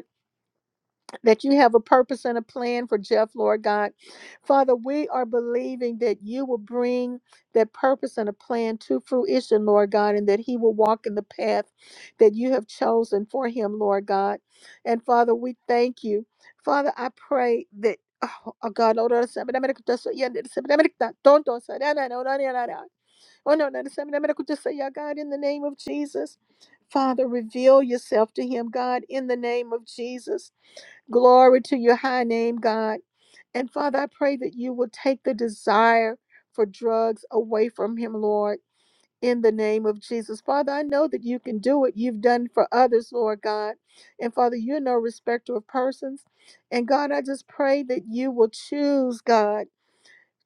that you have a purpose and a plan for Jeff, Lord God. Father, we are believing that you will bring that purpose and a plan to fruition, Lord God, and that he will walk in the path that you have chosen for him, Lord God. And Father, we thank you. Father, I pray that. Oh oh God, Lord, I say, but I'm gonna just say, yeah, that's- but I'm gonna not- don't do so, da, da, da, da, da, da, da. Oh, no, no, that's- but I'm gonna just say, yeah, God, in the name of Jesus, Father, reveal yourself to him, God, in the name of Jesus. Glory to your high name, God. And Father, I pray that you will take the desire for drugs away from him, Lord, in the name of Jesus. Father, I know that you can do it. You've done for others, Lord God. And Father, you're no respecter of persons. And God, I just pray that you will choose, God,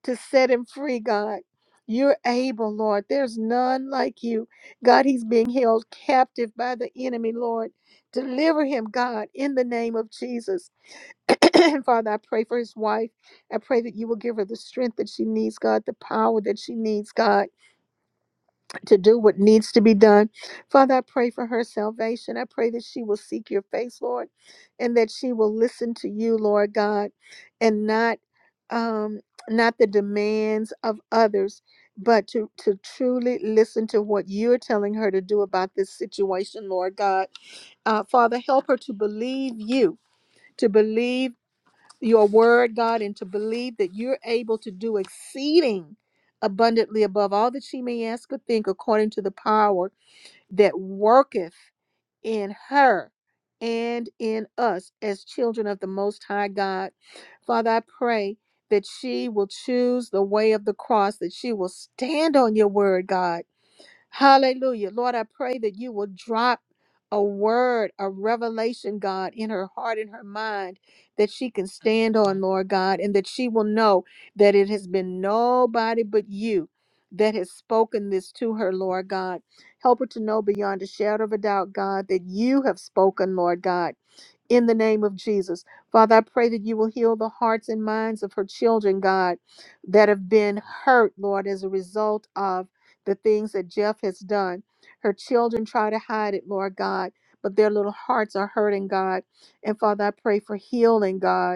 to set him free, God. You're able, Lord. There's none like you. God, he's being held captive by the enemy, Lord. Deliver him, God, in the name of Jesus. Father, I pray for his wife. I pray that you will give her the strength that she needs, God, the power that she needs, God, to do what needs to be done. Father, I pray for her salvation. I pray that she will seek your face, Lord, and that she will listen to you, Lord God, and not um not the demands of others, but to, to truly listen to what you're telling her to do about this situation, Lord God. Uh, Father, help her to believe you, to believe your word, God, and to believe that you're able to do exceeding abundantly above all that she may ask or think, according to the power that worketh in her and in us as children of the Most High God. Father, I pray that she will choose the way of the cross, that she will stand on your word, God Hallelujah. Lord, I pray that you will drop a word, a revelation, God, in her heart in her mind that she can stand on, Lord God, and that she will know that it has been nobody but you that has spoken this to her, Lord God. Help her to know beyond a shadow of a doubt, God, that you have spoken, Lord God in the name of Jesus. Father, I pray that you will heal the hearts and minds of her children, God, that have been hurt, Lord, as a result of the things that Jeff has done. Her children try to hide it, Lord God, but their little hearts are hurting, God. And Father, I pray for healing, God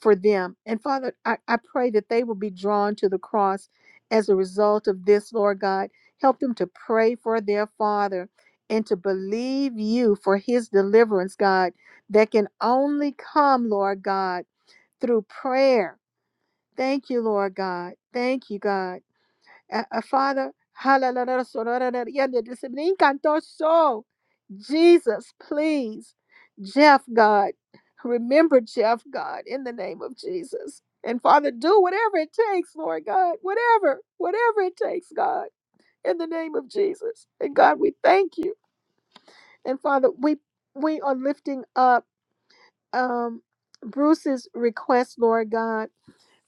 for them. And Father, I, I pray that they will be drawn to the cross as a result of this, Lord God. Help them to pray for their Father and to believe you for his deliverance, God, that can only come, Lord God, through prayer. Thank you, Lord God. Thank you, God. Uh, uh, Father, so Jesus, please, Jeff, God, remember Jeff, God, in the name of Jesus. And Father, do whatever it takes, Lord God, whatever, whatever it takes, God, in the name of Jesus. And God, we thank you. And Father, we we are lifting up um Bruce's request, Lord God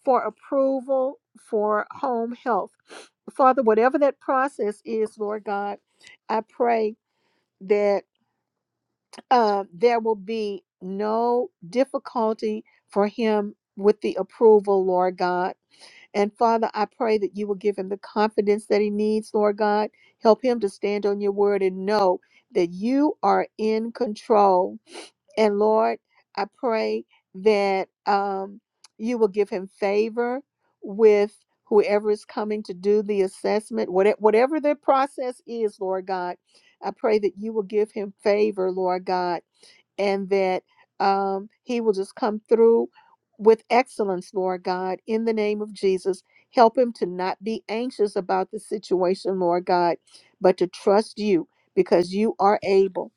for approval for home health. Father, whatever that process is, Lord God, I pray that uh, there will be no difficulty for him with the approval, Lord God. And Father, I pray that you will give him the confidence that he needs, Lord God. Help him to stand on your word and know that you are in control and Lord, I pray that um, you will give him favor with whoever is coming to do the assessment, whate- whatever the process is, Lord God. I pray that you will give him favor, Lord God, and that um, he will just come through with excellence, Lord God, in the name of Jesus. Help him to not be anxious about the situation, Lord God, but to trust you because you are able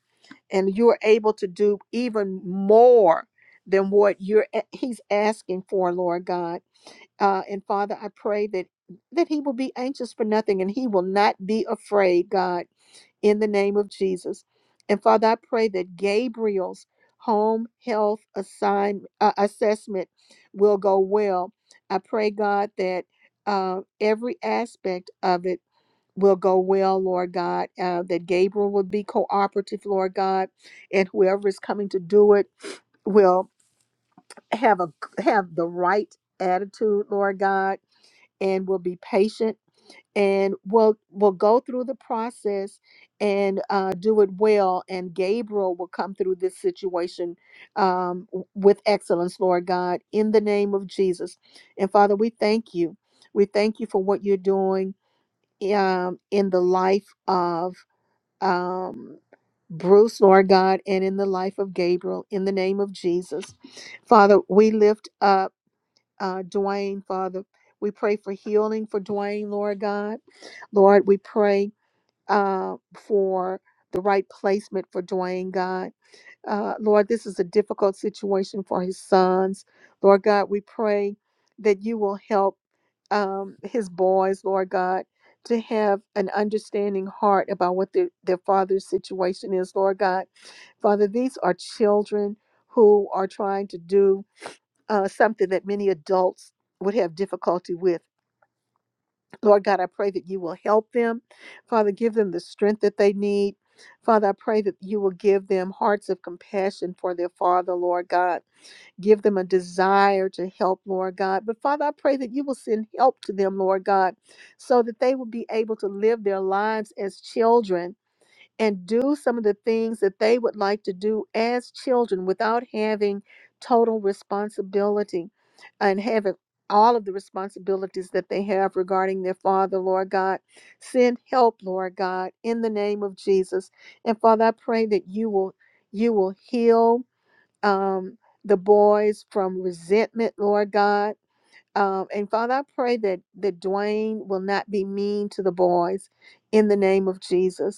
and you're able to do even more than what you're a- he's asking for lord god uh, and father i pray that that he will be anxious for nothing and he will not be afraid god in the name of jesus and father i pray that gabriel's home health assign, uh, assessment will go well i pray god that uh, every aspect of it will go well, Lord God, uh, that Gabriel will be cooperative, Lord God, and whoever is coming to do it will have a have the right attitude, Lord God, and will be patient and will will go through the process and uh, do it well. And Gabriel will come through this situation um, w- with excellence, Lord God, in the name of Jesus. And Father, we thank you. We thank you for what you're doing um, in the life of um, Bruce, Lord God, and in the life of Gabriel, in the name of Jesus. Father, we lift up uh, Dwayne, Father. We pray for healing for Dwayne, Lord God. Lord, we pray uh, for the right placement for Dwayne, God. Uh, Lord, this is a difficult situation for his sons. Lord God, we pray that you will help um, his boys, Lord God, to have an understanding heart about what their, their father's situation is, Lord God. Father, these are children who are trying to do uh, something that many adults would have difficulty with. Lord God, I pray that you will help them. Father, give them the strength that they need. Father, I pray that you will give them hearts of compassion for their father, Lord God. Give them a desire to help, Lord God. But Father, I pray that you will send help to them, Lord God, so that they will be able to live their lives as children and do some of the things that they would like to do as children without having total responsibility and having all of the responsibilities that they have regarding their father, Lord God. Send help, Lord God, in the name of Jesus. And Father, I pray that you will you will heal um, the boys from resentment, Lord God. Um, and Father, I pray that that Dwayne will not be mean to the boys in the name of Jesus.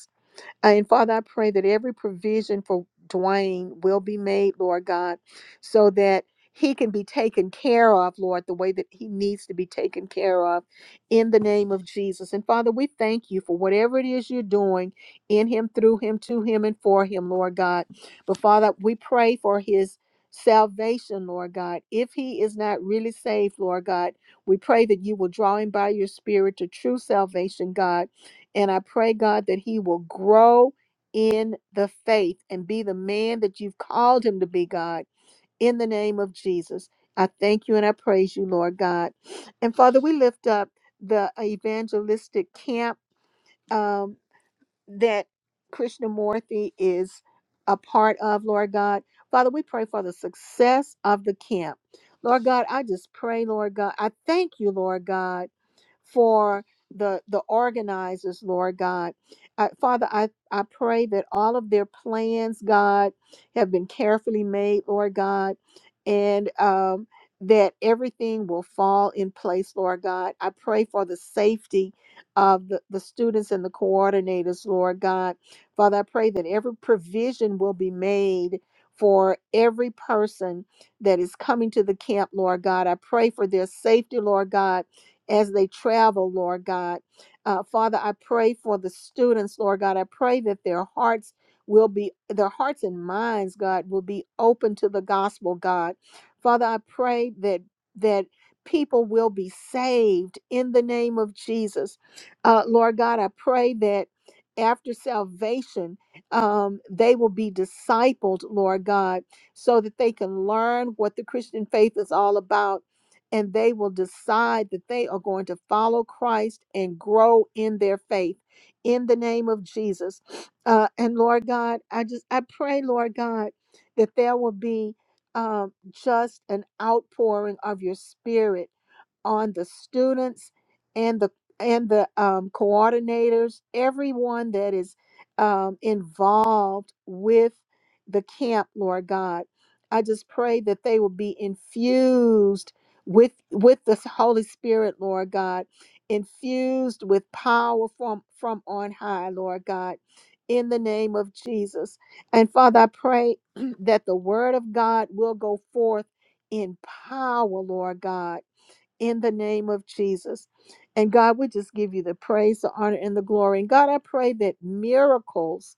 And Father, I pray that every provision for Dwayne will be made, Lord God, so that he can be taken care of, Lord, the way that he needs to be taken care of in the name of Jesus. And Father, we thank you for whatever it is you're doing in him, through him, to him, and for him, Lord God. But Father, we pray for his salvation, Lord God. If he is not really saved, Lord God, we pray that you will draw him by your spirit to true salvation, God and I pray, God, that he will grow in the faith and be the man that you've called him to be, God, in the name of Jesus. I thank you and I praise you, Lord God. And Father, we lift up the evangelistic camp um, that Krishnamurti is a part of, Lord God. Father, we pray for the success of the camp. Lord God, I just pray, Lord God. I thank you, Lord God for the the organizers, Lord God. I, Father, I, I pray that all of their plans, God, have been carefully made, Lord God, and um, that everything will fall in place, Lord God. I pray for the safety of the, the students and the coordinators, Lord God. Father, I pray that every provision will be made for every person that is coming to the camp, Lord God. I pray for their safety, Lord God as they travel, Lord God. Uh, Father, I pray for the students, Lord God. I pray that their hearts will be, their hearts and minds, God, will be open to the gospel, God. Father, I pray that, that people will be saved in the name of Jesus. Uh, Lord God, I pray that after salvation, um, they will be discipled, Lord God, so that they can learn what the Christian faith is all about and they will decide that they are going to follow Christ and grow in their faith in the name of Jesus. Uh, and Lord God, I just I pray, Lord God, that there will be um, just an outpouring of your Spirit on the students and the and the um, coordinators, everyone that is um, involved with the camp, Lord God. I just pray that they will be infused with with the Holy Spirit, Lord God, infused with power from from on high, Lord God, in the name of Jesus. And Father, I pray that the word of God will go forth in power, Lord God in the name of Jesus. And God, we just give you the praise, the honor, and the glory. And God, I pray that miracles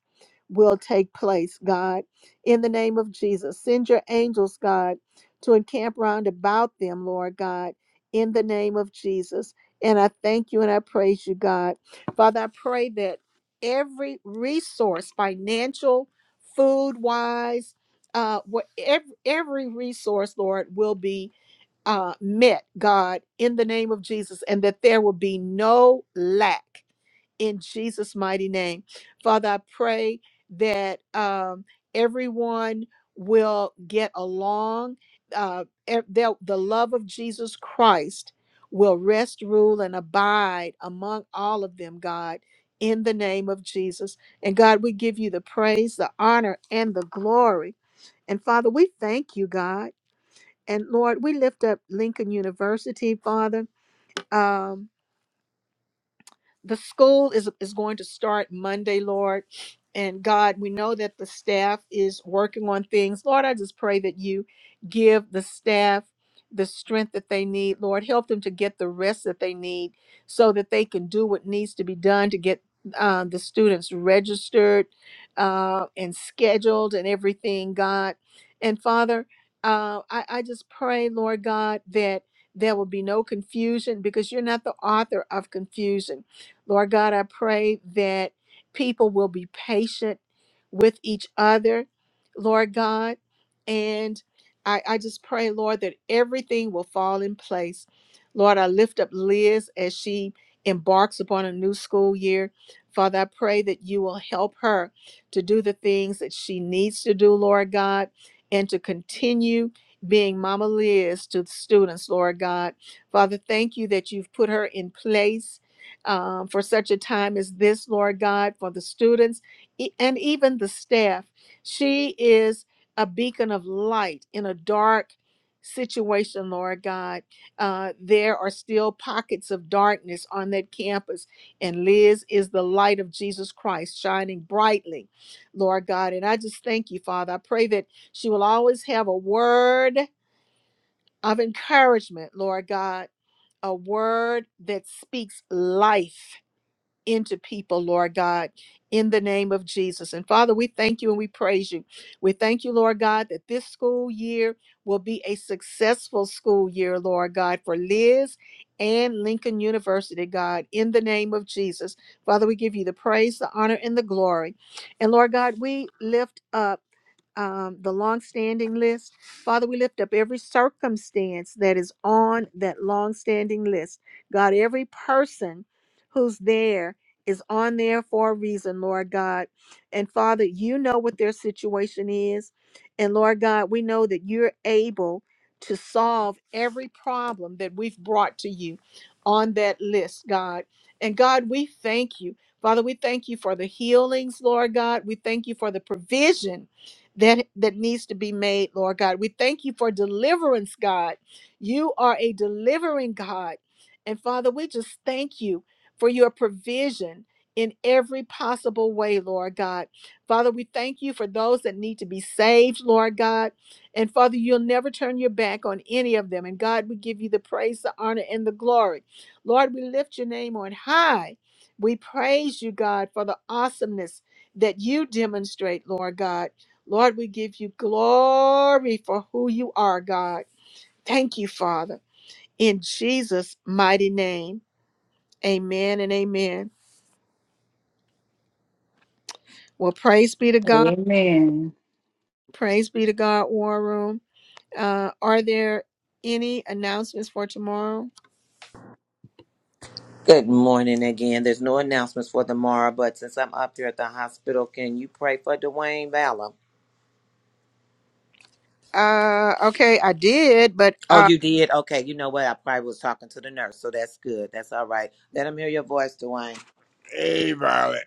will take place, God, in the name of Jesus. Send your angels, God, to encamp round about them, Lord God, in the name of Jesus. And I thank you and I praise you, God. Father, I pray that every resource, financial, food wise, uh, what every, every resource, Lord, will be uh, met, God, in the name of Jesus, and that there will be no lack in Jesus' mighty name. Father, I pray that um, everyone will get along. Uh, e- they'll- the love of Jesus Christ will rest, rule, and abide among all of them, God, in the name of Jesus. And God, we give you the praise, the honor, and the glory. And Father, we thank you, God. And Lord, we lift up Lincoln University, Father. Um, the school is is going to start Monday, Lord. And God, we know that the staff is working on things. Lord, I just pray that you give the staff the strength that they need. Lord, help them to get the rest that they need so that they can do what needs to be done to get uh, the students registered uh, and scheduled and everything, God. And Father, uh, I, I just pray, Lord God, that there will be no confusion because you're not the author of confusion Lord God, I pray that people will be patient with each other, Lord God. And I, I just pray, Lord, that everything will fall in place. Lord, I lift up Liz as she embarks upon a new school year. Father, I pray that you will help her to do the things that she needs to do, Lord God, and to continue being Mama Liz to the students, Lord God. Father, thank you that you've put her in place um, for such a time as this, Lord God, for the students e- and even the staff. She is a beacon of light in a dark situation, Lord God. Uh, there are still pockets of darkness on that campus, and Liz is the light of Jesus Christ shining brightly, Lord God. And I just thank you, Father. I pray that she will always have a word of encouragement, Lord God, a word that speaks life into people, Lord God, in the name of Jesus. And Father, we thank you and we praise you. We thank you, Lord God, that this school year will be a successful school year, Lord God, for Liz and Lincoln University, God, in the name of Jesus. Father, we give you the praise, the honor, and the glory. And Lord God, we lift up um, the longstanding list. Father, we lift up every circumstance that is on that longstanding list. God, every person who's there is on there for a reason, Lord God. And Father, you know what their situation is. And Lord God, we know that you're able to solve every problem that we've brought to you on that list, God. And God, we thank you. Father, we thank you for the healings, Lord God. We thank you for the provision that that needs to be made, Lord God. We thank you for deliverance, God. You are a delivering God. And Father, we just thank you for your provision in every possible way, Lord God. Father, we thank you for those that need to be saved, Lord God. And Father, you'll never turn your back on any of them. And God, we give you the praise, the honor, and the glory. Lord, we lift your name on high. We praise you, God, for the awesomeness that you demonstrate, Lord God. Lord, we give you glory for who you are, God. Thank you, Father. In Jesus' mighty name, amen and amen. Well, praise be to God. Amen. Praise be to God, War Room. Uh, are there any announcements for tomorrow? Good morning again. There's no announcements for tomorrow, but since I'm up here at the hospital, can you pray for Dwayne Valor? Uh, okay, I did, but Oh, uh, you did? Okay. You know what? I probably was talking to the nurse, so that's good. That's all right. Let them hear your voice, Dwayne. Hey, Violet.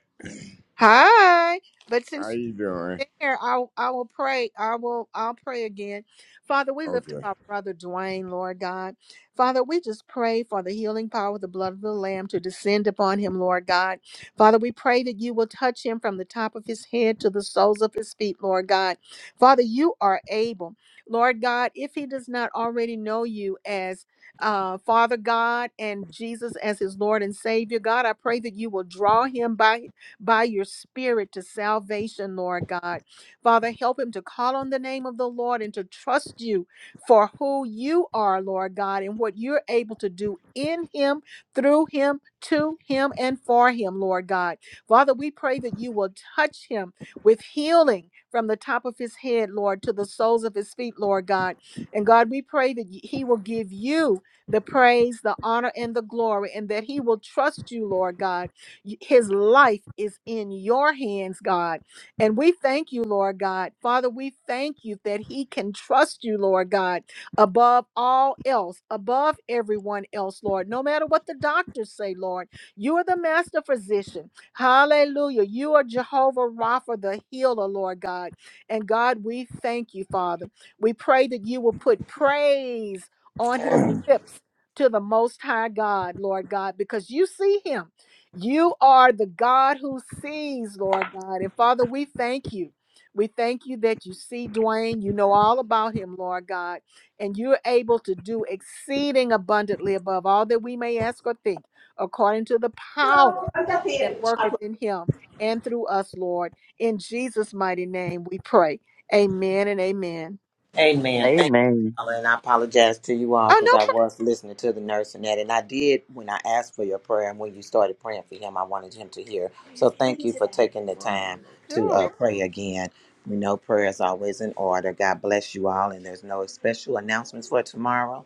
hi. But since How you doing? there, I I will pray. I will I'll pray again. Father, we lift up Okay. our brother Dwayne, Lord God. Father, we just pray for the healing power of the blood of the Lamb to descend upon him, Lord God. Father, we pray that you will touch him from the top of his head to the soles of his feet, Lord God. Father, you are able. Lord God, if he does not already know you as uh, Father God and Jesus as his Lord and Savior, God, I pray that you will draw him by by your spirit to salvation, Lord God. Father, help him to call on the name of the Lord and to trust you for who you are, Lord God, and what you're able to do in him, through him, to him, and for him, Lord God. Father, we pray that you will touch him with healing from the top of his head, Lord, to the soles of his feet, Lord God. And God, we pray that y- he will give you the praise, the honor, and the glory, and that he will trust you, Lord God his life is in your hands, God. And we thank you, Lord God. Father, we thank you that he can trust you, Lord God, above all else, above everyone else, Lord. No matter what the doctors say, Lord, you are the master physician. Hallelujah. You are Jehovah Rapha, the healer, Lord God. And God, we thank you, Father. We pray that you will put praise on his lips to the Most High God, Lord God, because you see him. You are the God who sees, Lord God. And Father, we thank you. We thank you that you see Dwayne. You know all about him, Lord God. And you're able to do exceeding abundantly above all that we may ask or think, according to the power that worketh in him and through us, Lord. In Jesus' mighty name we pray. Amen and amen. Amen. Thank you, Amen. Ella, and I apologize to you all Oh, because no, I was listening to the nurse and that, and I did when I asked for your prayer and when you started praying for him, I wanted him to hear. So thank you for taking the time for to uh, sure. pray again. We know prayer is always in order. God bless you all, and there's no special announcements for tomorrow.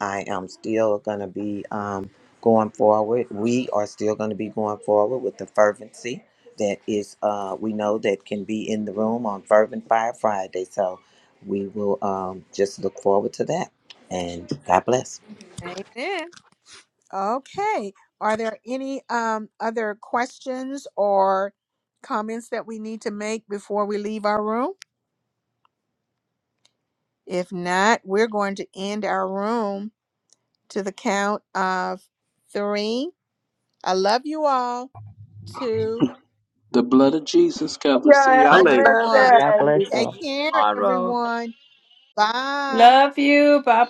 I am still going to be um, going forward. We are still going to be going forward with the fervency that is, uh, we know that can be in the room on Fervent Fire Friday. So we will um, just look forward to that. And God bless. Amen. Okay. Are there any um, other questions or comments that we need to make before we leave our room? If not, we're going to end our room to the count of three. I love you all. Two The blood of Jesus covers. Yeah, See have y'all a Much and later. blessed love, one. everybody. day. God bless you. See Take you care, tomorrow. everyone. Bye. Love you. Bye